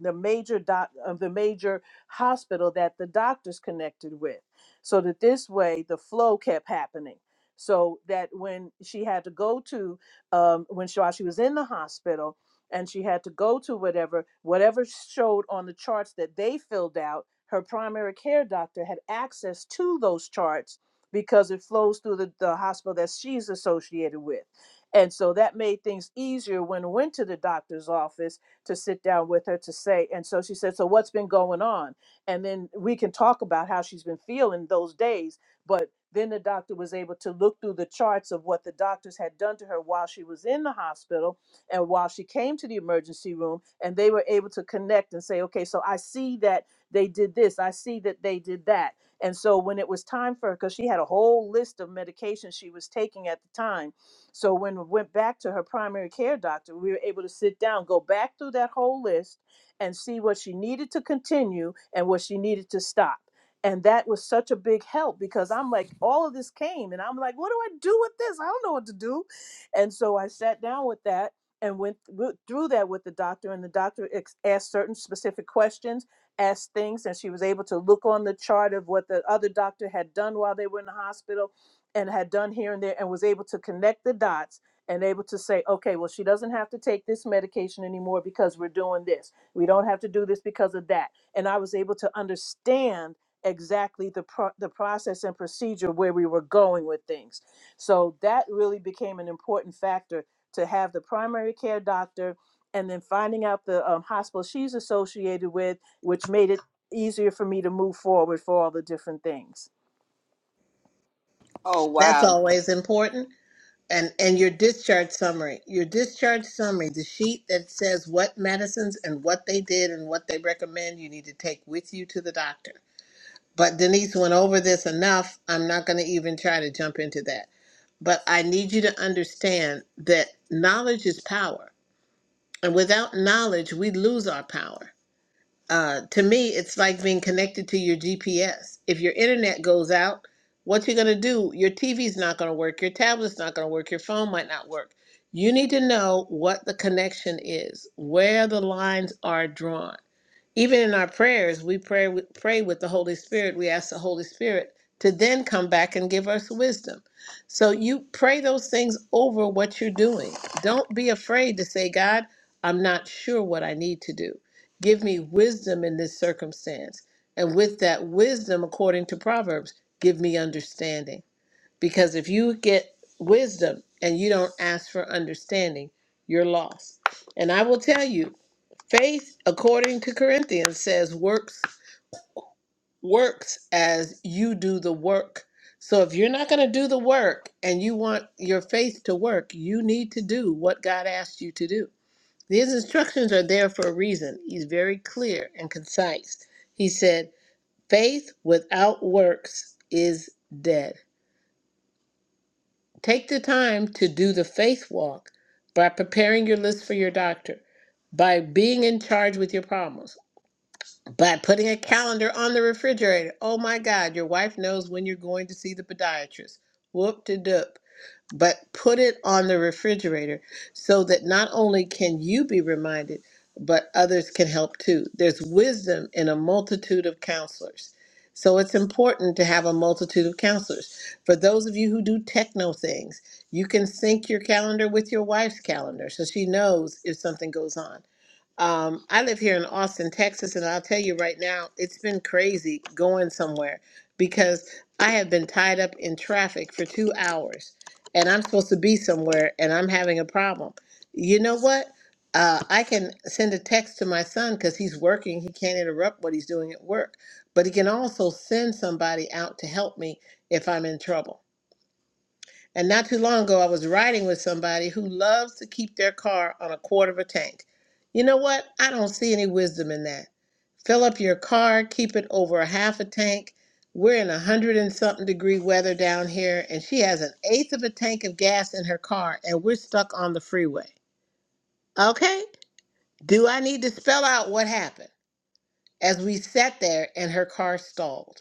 A: the major doc of the major hospital that the doctors connected with, so that this way the flow kept happening. So that when she had to go to um, when she, while she was in the hospital and she had to go to whatever whatever showed on the charts that they filled out, her primary care doctor had access to those charts because it flows through the, the hospital that she's associated with. And so that made things easier when I went to the doctor's office to sit down with her to say, and so she said, So what's been going on? And then we can talk about how she's been feeling those days. But then the doctor was able to look through the charts of what the doctors had done to her while she was in the hospital and while she came to the emergency room. And they were able to connect and say, Okay, so I see that they did this, I see that they did that. And so when it was time for her, because she had a whole list of medications she was taking at the time so when we went back to her primary care doctor, we were able to sit down, go back through that whole list and see what she needed to continue and what she needed to stop. And that was such a big help because I'm like, all of this came and I'm like, what do I do with this? I don't know what to do. And so I sat down with that and went thr- through that with the doctor and the doctor ex- asked certain specific questions asked things and she was able to look on the chart of what the other doctor had done while they were in the hospital and had done here and there and was able to connect the dots and able to say, okay, well, she doesn't have to take this medication anymore because we're doing this. We don't have to do this because of that. And I was able to understand exactly the pro- the process and procedure where we were going with things. So that really became an important factor to have the primary care doctor and then finding out the um, hospital she's associated with, which made it easier for me to move forward for all the different things.
B: Oh,
C: That's
B: wow.
C: always important. And, and your discharge summary. Your discharge summary, the sheet that says what medicines and what they did and what they recommend you need to take with you to the doctor But Denise went over this enough. I'm not going to even try to jump into that. But I need you to understand that knowledge is power. And without knowledge, we lose our power. Uh, to me, it's like being connected to your GPS. If your internet goes out, what you're going to do, your TV's not going to work, your tablet's not going to work, your phone might not work. You need to know what the connection is, where the lines are drawn. Even in our prayers, we pray with, pray with the Holy Spirit. We ask the Holy Spirit to then come back and give us wisdom. So you pray those things over what you're doing. Don't be afraid to say, God, I'm not sure what I need to do. Give me wisdom in this circumstance. And with that wisdom, according to Proverbs, give me understanding. Because if you get wisdom and you don't ask for understanding, you're lost. And I will tell you, faith according to Corinthians says works works as you do the work. So if you're not going to do the work and you want your faith to work, you need to do what God asked you to do. These instructions are there for a reason. He's very clear and concise. He said, "Faith without works is dead." Take the time to do the faith walk by preparing your list for your doctor, by being in charge with your problems, by putting a calendar on the refrigerator. Oh my God, your wife knows when you're going to see the podiatrist. Whoop de doop but put it on the refrigerator so that not only can you be reminded, but others can help too. There's wisdom in a multitude of counselors. So it's important to have a multitude of counselors. For those of you who do techno things, you can sync your calendar with your wife's calendar so she knows if something goes on. Um, I live here in Austin, Texas, and I'll tell you right now, it's been crazy going somewhere because I have been tied up in traffic for two hours and I'm supposed to be somewhere and I'm having a problem. You know what? Uh, I can send a text to my son because he's working. He can't interrupt what he's doing at work, but he can also send somebody out to help me if I'm in trouble. And not too long ago, I was riding with somebody who loves to keep their car on a quarter of a tank. You know what? I don't see any wisdom in that. Fill up your car, keep it over a half a tank. We're in a hundred and something degree weather down here, and she has an eighth of a tank of gas in her car, and we're stuck on the freeway. Okay? Do I need to spell out what happened as we sat there and her car stalled?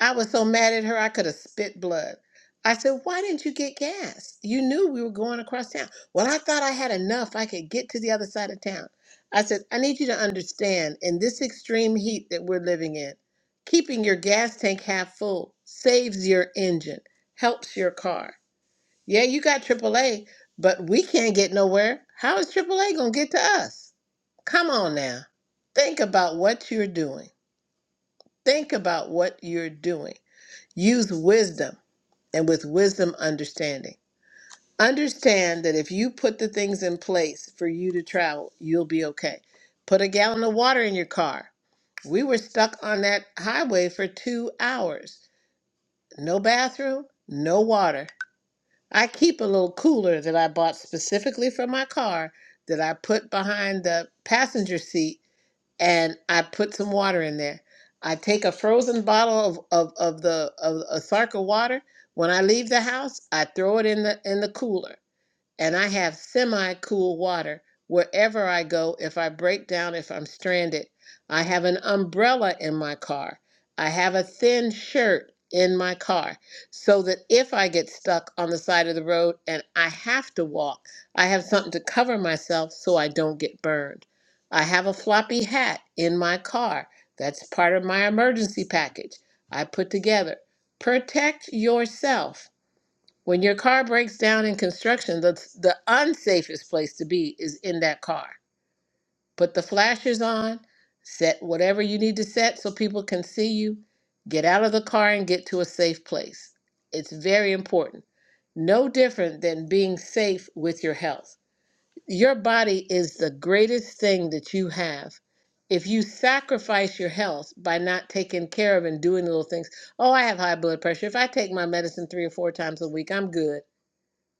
C: I was so mad at her, I could have spit blood. I said, Why didn't you get gas? You knew we were going across town. Well, I thought I had enough. I could get to the other side of town. I said, I need you to understand in this extreme heat that we're living in, keeping your gas tank half full saves your engine, helps your car. Yeah, you got AAA, but we can't get nowhere. How is AAA going to get to us? Come on now. Think about what you're doing. Think about what you're doing. Use wisdom and with wisdom, understanding. Understand that if you put the things in place for you to travel, you'll be okay. Put a gallon of water in your car. We were stuck on that highway for two hours. No bathroom, no water. I keep a little cooler that I bought specifically for my car that I put behind the passenger seat and I put some water in there. I take a frozen bottle of, of, of the of, of Sarka water. When I leave the house, I throw it in the in the cooler and I have semi cool water wherever I go if I break down, if I'm stranded. I have an umbrella in my car. I have a thin shirt in my car so that if I get stuck on the side of the road and I have to walk, I have something to cover myself so I don't get burned. I have a floppy hat in my car. That's part of my emergency package I put together. Protect yourself when your car breaks down in construction, the, the unsafest place to be is in that car. Put the flashers on, set whatever you need to set so people can see you. Get out of the car and get to a safe place. It's very important. No different than being safe with your health. Your body is the greatest thing that you have. If you sacrifice your health by not taking care of and doing little things, oh, I have high blood pressure. If I take my medicine three or four times a week, I'm good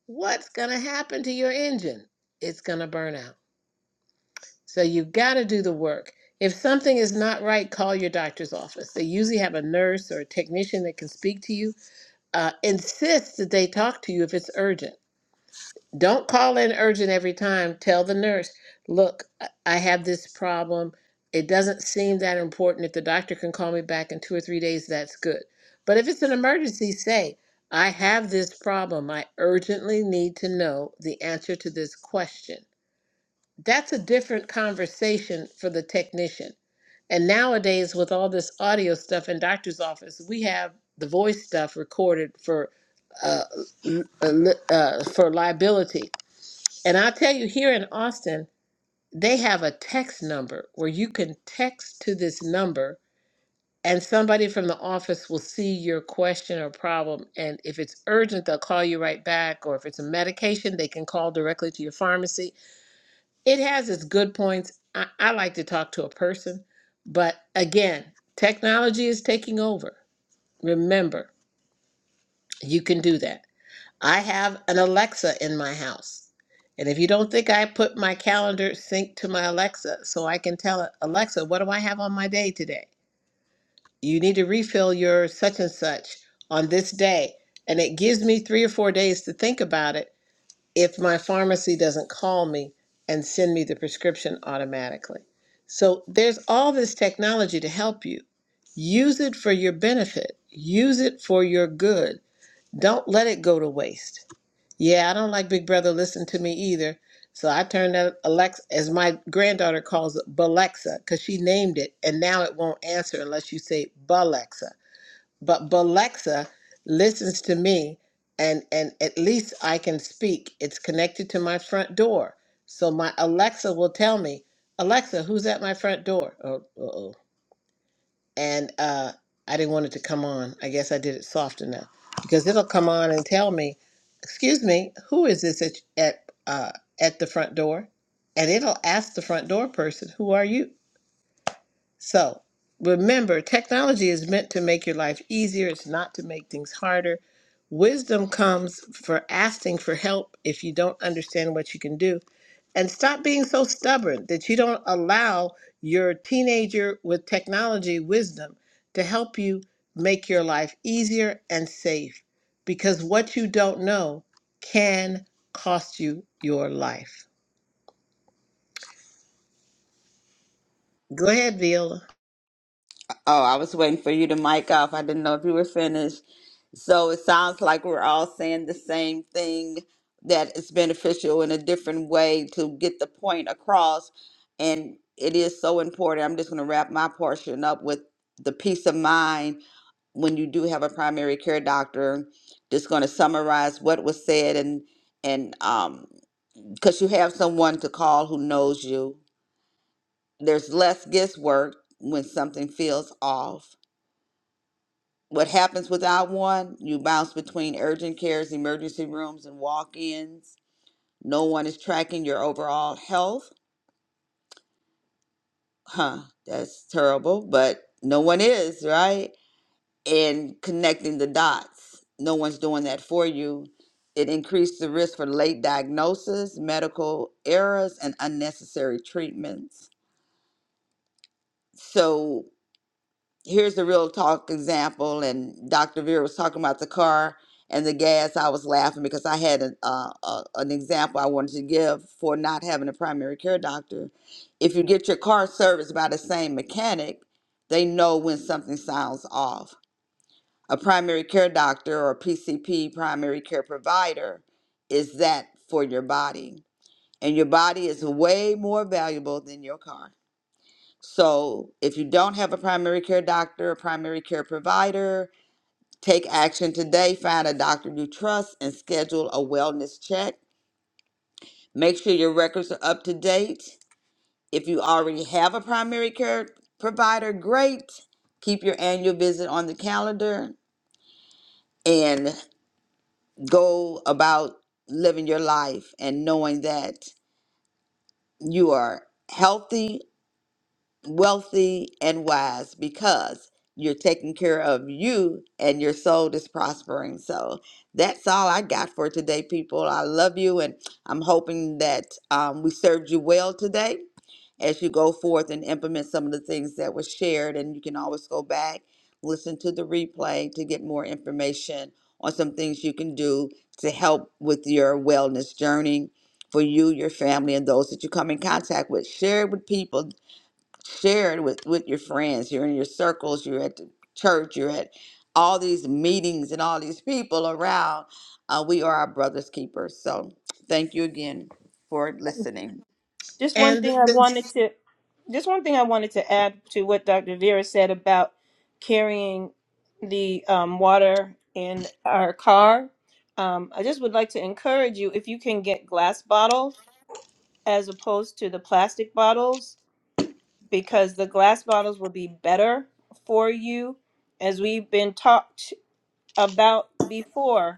C: what's going to happen to your engine? It's going to burn out. So you've got to do the work. If something is not right, call your doctor's office. They usually have a nurse or a technician that can speak to you. Uh, insist that they talk to you if it's urgent don't call in urgent every time. Tell the nurse, look, I I have this problem. It doesn't seem that important. If the doctor can call me back in two or three days, that's good. But if it's an emergency, say, I have this problem. I urgently need to know the answer to this question. That's a different conversation for the technician. And nowadays, with all this audio stuff in doctor's office, we have the voice stuff recorded for uh, l- uh, li- uh, for liability. And I'll tell you, here in Austin, they have a text number where you can text to this number and somebody from the office will see your question or problem. And if it's urgent, they'll call you right back. Or if it's a medication, they can call directly to your pharmacy. It has its good points. I, I like to talk to a person. But again, technology is taking over. Remember, you can do that. I have an Alexa in my house. And if you don't think I put my calendar sync to my Alexa so I can tell it, Alexa, what do I have on my day today? You need to refill your such and such on this day. And it gives me three or four days to think about it if my pharmacy doesn't call me and send me the prescription automatically. So there's all this technology to help you. Use it for your benefit, use it for your good. Don't let it go to waste. Yeah, I don't like Big Brother listen to me either. So I turned that Alexa, as my granddaughter calls it, Balexa, because she named it, and now it won't answer unless you say Balexa. But Balexa listens to me, and and at least I can speak. It's connected to my front door, so my Alexa will tell me, Alexa, who's at my front door? Oh, uh-oh and uh, I didn't want it to come on. I guess I did it soft enough because it'll come on and tell me, "Excuse me, who is this at at uh, at the front door?" And it'll ask the front door person, "Who are you?" So remember, technology is meant to make your life easier. It's not to make things harder. Wisdom comes for asking for help if you don't understand what you can do and stop being so stubborn that you don't allow your teenager with technology wisdom to help you make your life easier and safe because what you don't know can cost you your life. Go ahead, Viola.
B: Oh, I was waiting for you to mic off. I didn't know if you were finished. So it sounds like we're all saying the same thing that it's beneficial in a different way to get the point across. And it is so important. I'm just going to wrap my portion up with the peace of mind when you do have a primary care doctor. Just going to summarize what was said and and um because you have someone to call who knows you. There's less guesswork when something feels off what happens without one? You bounce between urgent cares, emergency rooms, and walk ins. No one is tracking your overall health. Huh, that's terrible, but no one is, right? And connecting the dots. No one's doing that for you. It increased the risk for late diagnosis, medical errors, and unnecessary treatments. So here's the real talk example. And Dr. Vera was talking about the car and the gas. I was laughing because I had an, uh, uh, an example I wanted to give for not having a primary care doctor. If you get your car serviced by the same mechanic, they know when something sounds off. A primary care doctor or PCP, primary care provider, is that for your body. And your body is way more valuable than your car so if you don't have a primary care doctor or primary care provider, take action today. Find a doctor you trust and schedule a wellness check. Make sure your records are up to date. If you already have a primary care provider, great. Keep your annual visit on the calendar and go about living your life and knowing that you are healthy wealthy and wise because you're taking care of you and your soul is prospering. So that's all I got for today, people. I love you and I'm hoping that um, we served you well today as you go forth and implement some of the things that were shared. And you can always go back, listen to the replay to get more information on some things you can do to help with your wellness journey for you, your family, and those that you come in contact with. Share it with people share it with with your friends you're in your circles you're at the church you're at all these meetings and all these people around uh, we are our brother's keepers so thank you again for listening
D: Just one
C: And the,
D: thing I
C: the-
D: wanted to just one thing I wanted to add to what Dr. Vera said about carrying the um, water in our car. Um, I just would like to encourage you if you can get glass bottles as opposed to the plastic bottles, because the glass bottles will be better for you, as we've been talked about before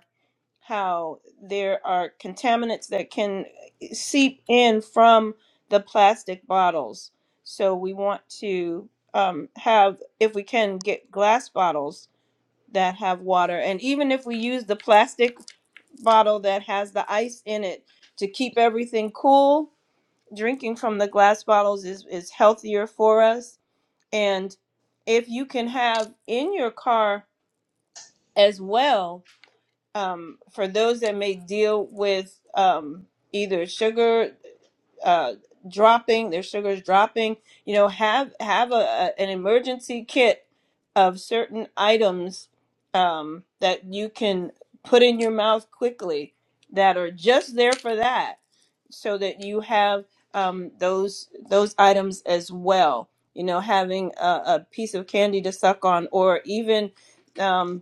D: how there are contaminants that can seep in from the plastic bottles. So we want to um, have, if we can, get glass bottles that have water. And even if we use the plastic bottle that has the ice in it to keep everything cool, drinking from the glass bottles is, is healthier for us. And if you can have in your car as well um, for those that may deal with um, either sugar uh, dropping, their sugar is dropping, you know, have have a, a- an emergency kit of certain items um, that you can put in your mouth quickly that are just there for that, so that you have um, those those items as well. You know, having a, a piece of candy to suck on, or even um,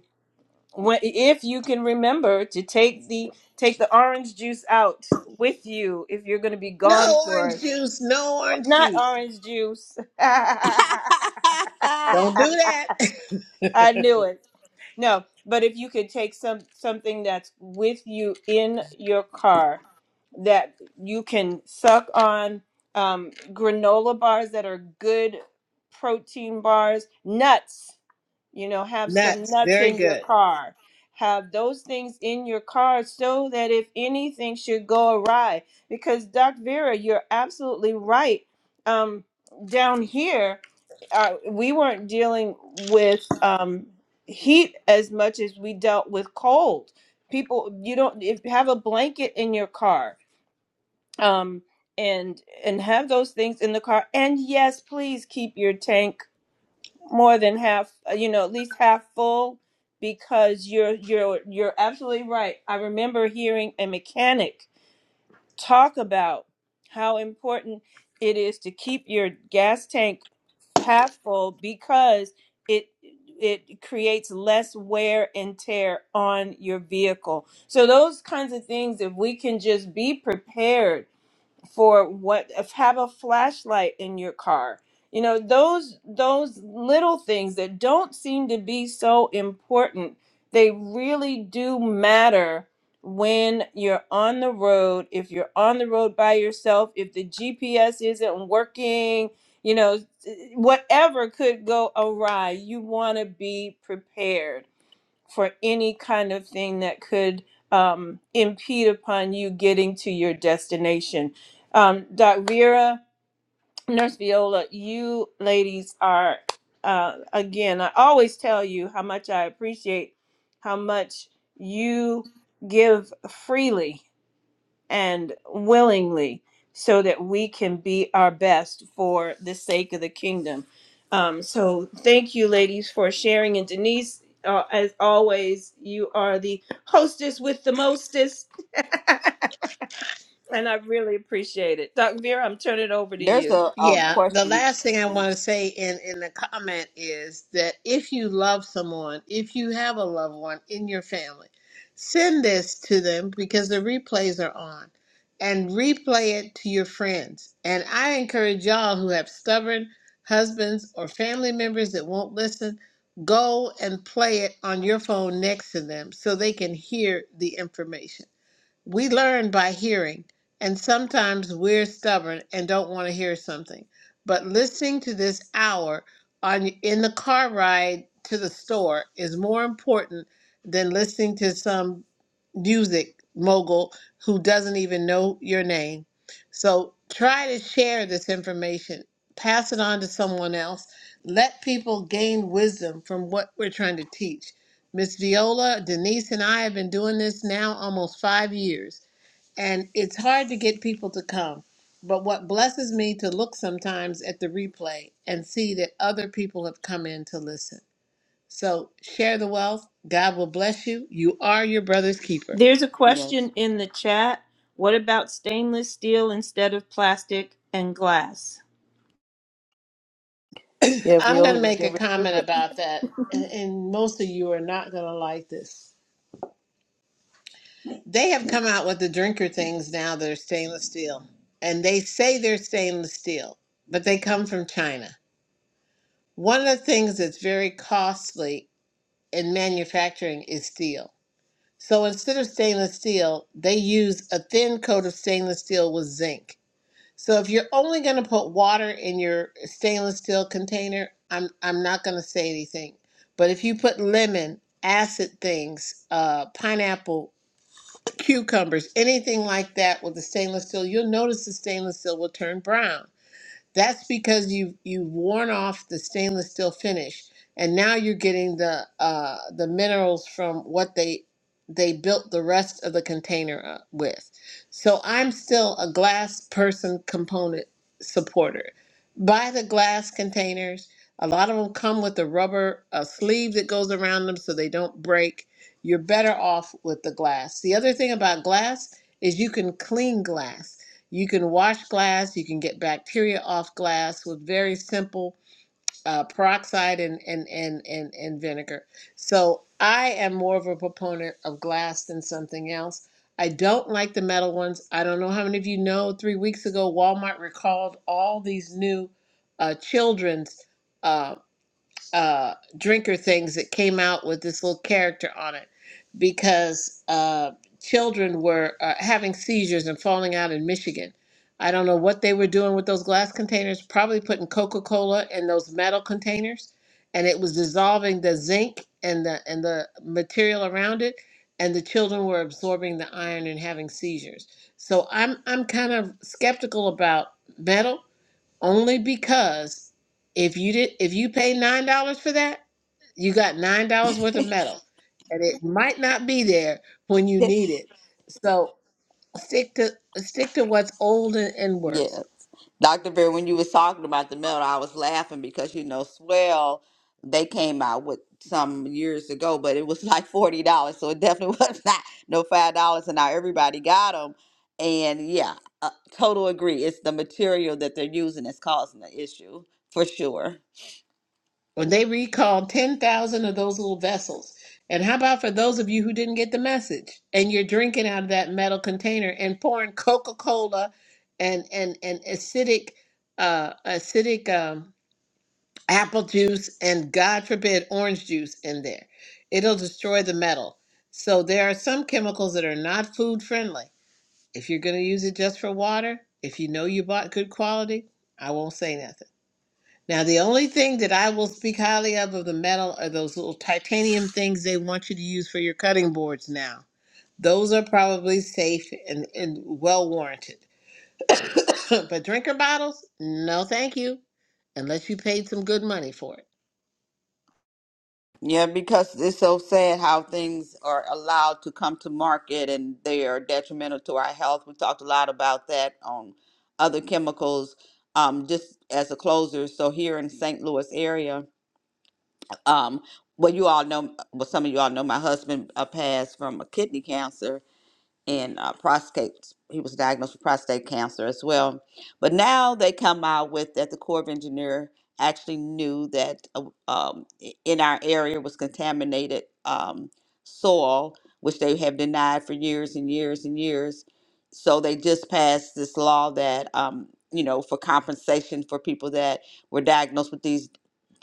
D: when if you can remember to take the take the orange juice out with you if you're going to be gone
C: no orange
D: for
C: juice, no orange
D: not
C: juice.
D: orange juice i
C: Don't do that.
D: knew it no but if you could take some something that's with you in your car that you can suck on um, granola bars that are good protein bars nuts you know have some
C: Nuts.
D: nuts
C: Very
D: in your
C: good.
D: car have those things in your car so that if anything should go awry because doc vera you're absolutely right um, down here uh, we weren't dealing with um, heat as much as we dealt with cold people you don't if you have a blanket in your car um, and and have those things in the car and yes please keep your tank more than half uh, you know at least half full because you're you're you're absolutely right i remember hearing a mechanic talk about how important it is to keep your gas tank half full because it it creates less wear and tear on your vehicle so those kinds of things if we can just be prepared for what if have a flashlight in your car you know those those little things that don't seem to be so important they really do matter when you're on the road if you're on the road by yourself if the gps isn't working you know whatever could go awry you want to be prepared for any kind of thing that could um, impede upon you getting to your destination. Um, Doc Vera, Nurse Viola, you ladies are, uh, again, I always tell you how much I appreciate how much you give freely and willingly so that we can be our best for the sake of the kingdom. Um, so thank you, ladies, for sharing. And Denise, uh, as always, you are the hostess with the mostest, and I really appreciate it. Doc Vera, I'm turning it over to
B: there's
D: you.
B: a, a
C: Yeah, the
B: question
C: last thing I want to say in in the comment is that if you love someone, if you have a loved one in your family, send this to them because the replays are on and replay it to your friends. And I encourage y'all who have stubborn husbands or family members that won't listen, go and play it on your phone next to them so they can hear the information. We learn by hearing, and sometimes we're stubborn and don't want to hear something. But listening to this hour on in the car ride to the store is more important than listening to some music mogul who doesn't even know your name. So try to share this information, pass it on to someone else. Let people gain wisdom from what we're trying to teach Miss Viola, Denise, and I have been doing this now almost five years, and it's hard to get people to come. But what blesses me to look sometimes at the replay and see that other people have come in to listen. So share the wealth. God will bless you. You are your brother's keeper.
D: There's a
B: yes
D: question in the chat. What about stainless steel instead of plastic and glass?
A: Yeah,
C: I'm going
A: Viola
C: to
A: was
C: make a
A: getting ready.
C: comment about that, and, and most of you are not going to like this. They have come out with the drinker things now that are stainless steel, and they say they're stainless steel, but they come from China One of the things that's very costly in manufacturing is steel. So instead of stainless steel, they use a thin coat of stainless steel with zinc. So if you're only going to put water in your stainless steel container, I'm I'm not going to say anything. But if you put lemon, acid things, uh, pineapple, cucumbers, anything like that with the stainless steel, you'll notice the stainless steel will turn brown that's because you you've worn off the stainless steel finish, and now you're getting the uh, the minerals from what they they built the rest of the container up with. So I'm still a glass person component supporter. Buy the glass containers. A lot of them come with a rubber a sleeve that goes around them so they don't break. You're better off with the glass. The other thing about glass is you can clean glass. You can wash glass, you can get bacteria off glass with very simple uh, peroxide and, and, and, and, and vinegar. So I am more of a proponent of glass than something else. I don't like the metal ones. I don't know how many of you know, three weeks ago, Walmart recalled all these new uh, children's. uh, uh, drinker things that came out with this little character on it because uh, children were uh, having seizures and falling out in Michigan. I don't know what they were doing with those glass containers, probably putting Coca Cola in those metal containers, and it was dissolving the zinc and the, and the material around it. And the children were absorbing the iron and having seizures. So I'm I'm kind of skeptical about metal only because if you did if you pay nine dollars for that you got nine dollars worth of metal and it might not be there when you need it so stick to stick to what's old and, and works
B: Yes. Dr. Bear, when you was talking about the melt, I was laughing because you know, Swell, they came out with some years ago, but it was like forty dollars, so it definitely was not no five dollars, and now everybody got them. And yeah, uh, total agree. It's the material that they're using that's causing the issue for sure.
C: when they recalled 10,000 of those little vessels and how about for those of you who didn't get the message and you're drinking out of that metal container and pouring coca-cola and and and acidic uh acidic um apple juice and god forbid orange juice in there it'll destroy the metal so there are some chemicals that are not food friendly if you're going to use it just for water if you know you bought good quality i won't say nothing now the only thing that i will speak highly of of the metal are those little titanium things they want you to use for your cutting boards now those are probably safe and, and well warranted but drinker bottles no thank you unless you paid some good money for it
B: Yeah, because it's so sad how things are allowed to come to market and they are detrimental to our health. We talked a lot about that on other chemicals, um, just as a closer. So here in St. Louis area, um, well, you all know, well, some of you all know my husband uh, passed from a kidney cancer and uh, prostate. He was diagnosed with prostate cancer as well. But now they come out with that the Corps of Engineer actually knew that uh, um, i- in our area was contaminated um, soil, which they have denied for years and years and years. So they just passed this law that um, you know for compensation for people that were diagnosed with these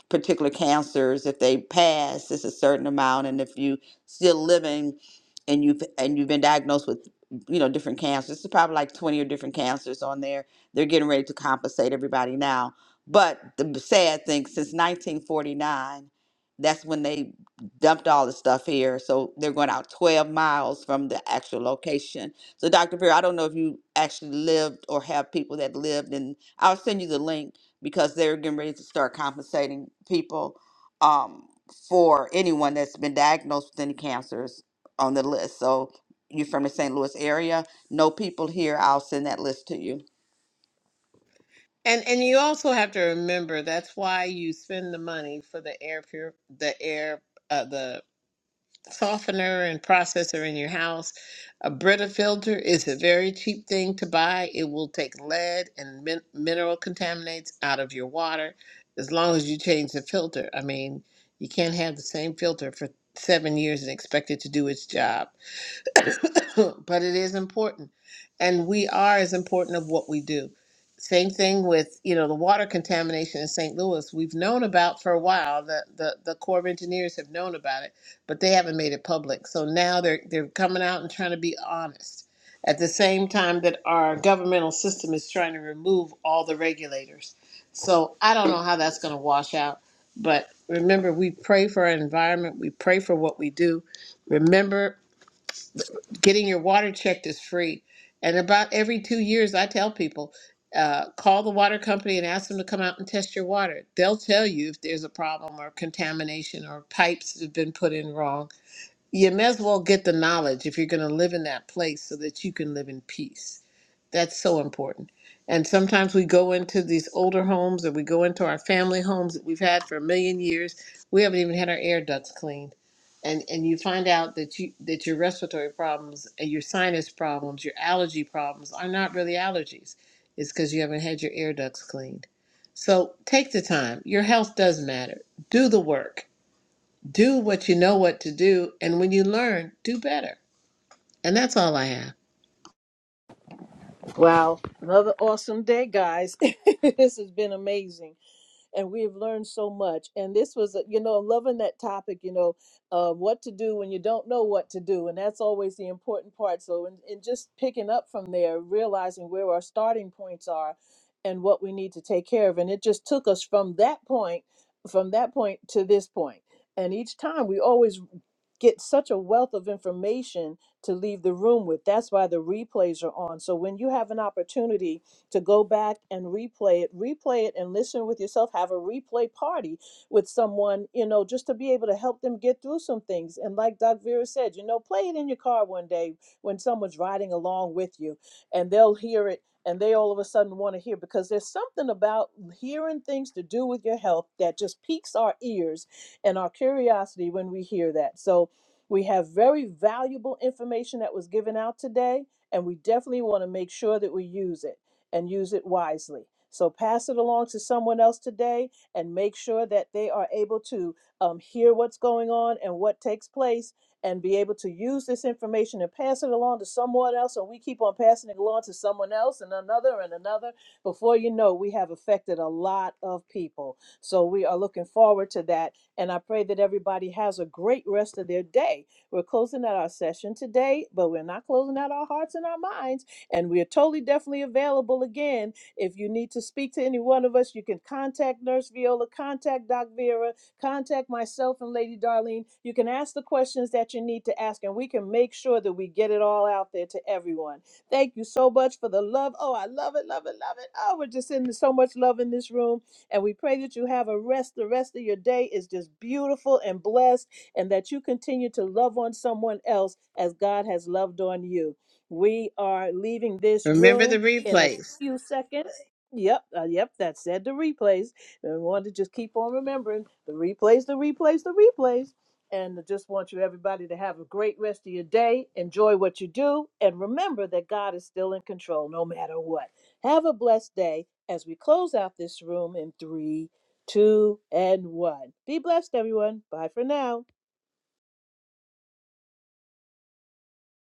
B: particular cancers if they pass it's a certain amount and if you still living and you've and you've been diagnosed with you know different cancers it's probably like 20 or different cancers on there they're getting ready to compensate everybody now but the b- sad thing since 1949 that's when they dumped all the stuff here so they're going out 12 miles from the actual location so dr Beer, i don't know if you actually lived or have people that lived and i'll send you the link because they're getting ready to start compensating people um, for anyone that's been diagnosed with any cancers on the list. So you're from the St. Louis area, know people here, I'll send that list to you.
C: And and you also have to remember that's why you spend the money for the air pure the air uh, the softener and processor in your house. A Brita filter is a very cheap thing to buy. It will take lead and min- mineral contaminants out of your water as long as you change the filter. I mean, you can't have the same filter for 7 years and expect it to do its job. but it is important. And we are as important of what we do. Same thing with, you know, the water contamination in St. Louis. We've known about for a while that the, the Corps of Engineers have known about it, but they haven't made it public. So now they're they're coming out and trying to be honest. At the same time that our governmental system is trying to remove all the regulators. So I don't know how that's gonna wash out. But remember we pray for our environment, we pray for what we do. Remember getting your water checked is free. And about every two years, I tell people, uh, call the water company and ask them to come out and test your water. They'll tell you if there's a problem or contamination or pipes that have been put in wrong. You may as well get the knowledge if you're going to live in that place so that you can live in peace. That's so important. And sometimes we go into these older homes or we go into our family homes that we've had for a million years. We haven't even had our air ducts cleaned. And and you find out that you that your respiratory problems and your sinus problems, your allergy problems are not really allergies. It's because you haven't had your air ducts cleaned. So take the time. Your health does matter. Do the work. Do what you know what to do. And when you learn, do better. And that's all I have.
A: Wow. Another awesome day, guys. this has been amazing and we've learned so much. And this was, a- you know, I'm loving that topic, you know, uh, what to do when you don't know what to do. And that's always the important part. So, and, and just picking up from there, realizing where our starting points are and what we need to take care of. And it just took us from that point, from that point to this point. And each time we always get such a wealth of information to leave the room with. That's why the replays are on. So when you have an opportunity, to go back and replay it, replay it and listen with yourself, have a replay party with someone, you know, just to be able to help them get through some things. And like Doc Vera said, you know, play it in your car one day when someone's riding along with you and they'll hear it and they all of a sudden want to hear because there's something about hearing things to do with your health that just piques our ears and our curiosity when we hear that. So we have very valuable information that was given out today, and we definitely want to make sure that we use it and use it wisely. So pass it along to someone else today and make sure that they are able to um, hear what's going on and what takes place and be able to use this information and pass it along to someone else. And we keep on passing it along to someone else and another and another. Before you know, we have affected a lot of people. So we are looking forward to that. And I pray that everybody has a great rest of their day. We're closing out our session today, but we're not closing out our hearts and our minds. And we are totally definitely available again. If you need to speak to any one of us, you can contact Nurse Viola, contact Doc Vera, contact myself and Lady Darlene. You can ask the questions that you need to ask, and we can make sure that we get it all out there to everyone. Thank you so much for the love. Oh, I love it, love it, love it. Oh, we're just sending so much love in this room. And we pray that you have a rest. The rest of your day is just beautiful and blessed, and that you continue to love on someone else as God has loved on you. We are leaving this
C: Remember the
A: room in a
C: replays.
A: few seconds. Yep, uh, yep, that said the replays. And we want to just keep on remembering the replays, the replays, the replays. And I just want you, everybody, to have a great rest of your day. Enjoy what you do. And remember that God is still in control no matter what. Have a blessed day as we close out this room in three, two, and one. Be blessed, everyone. Bye for now.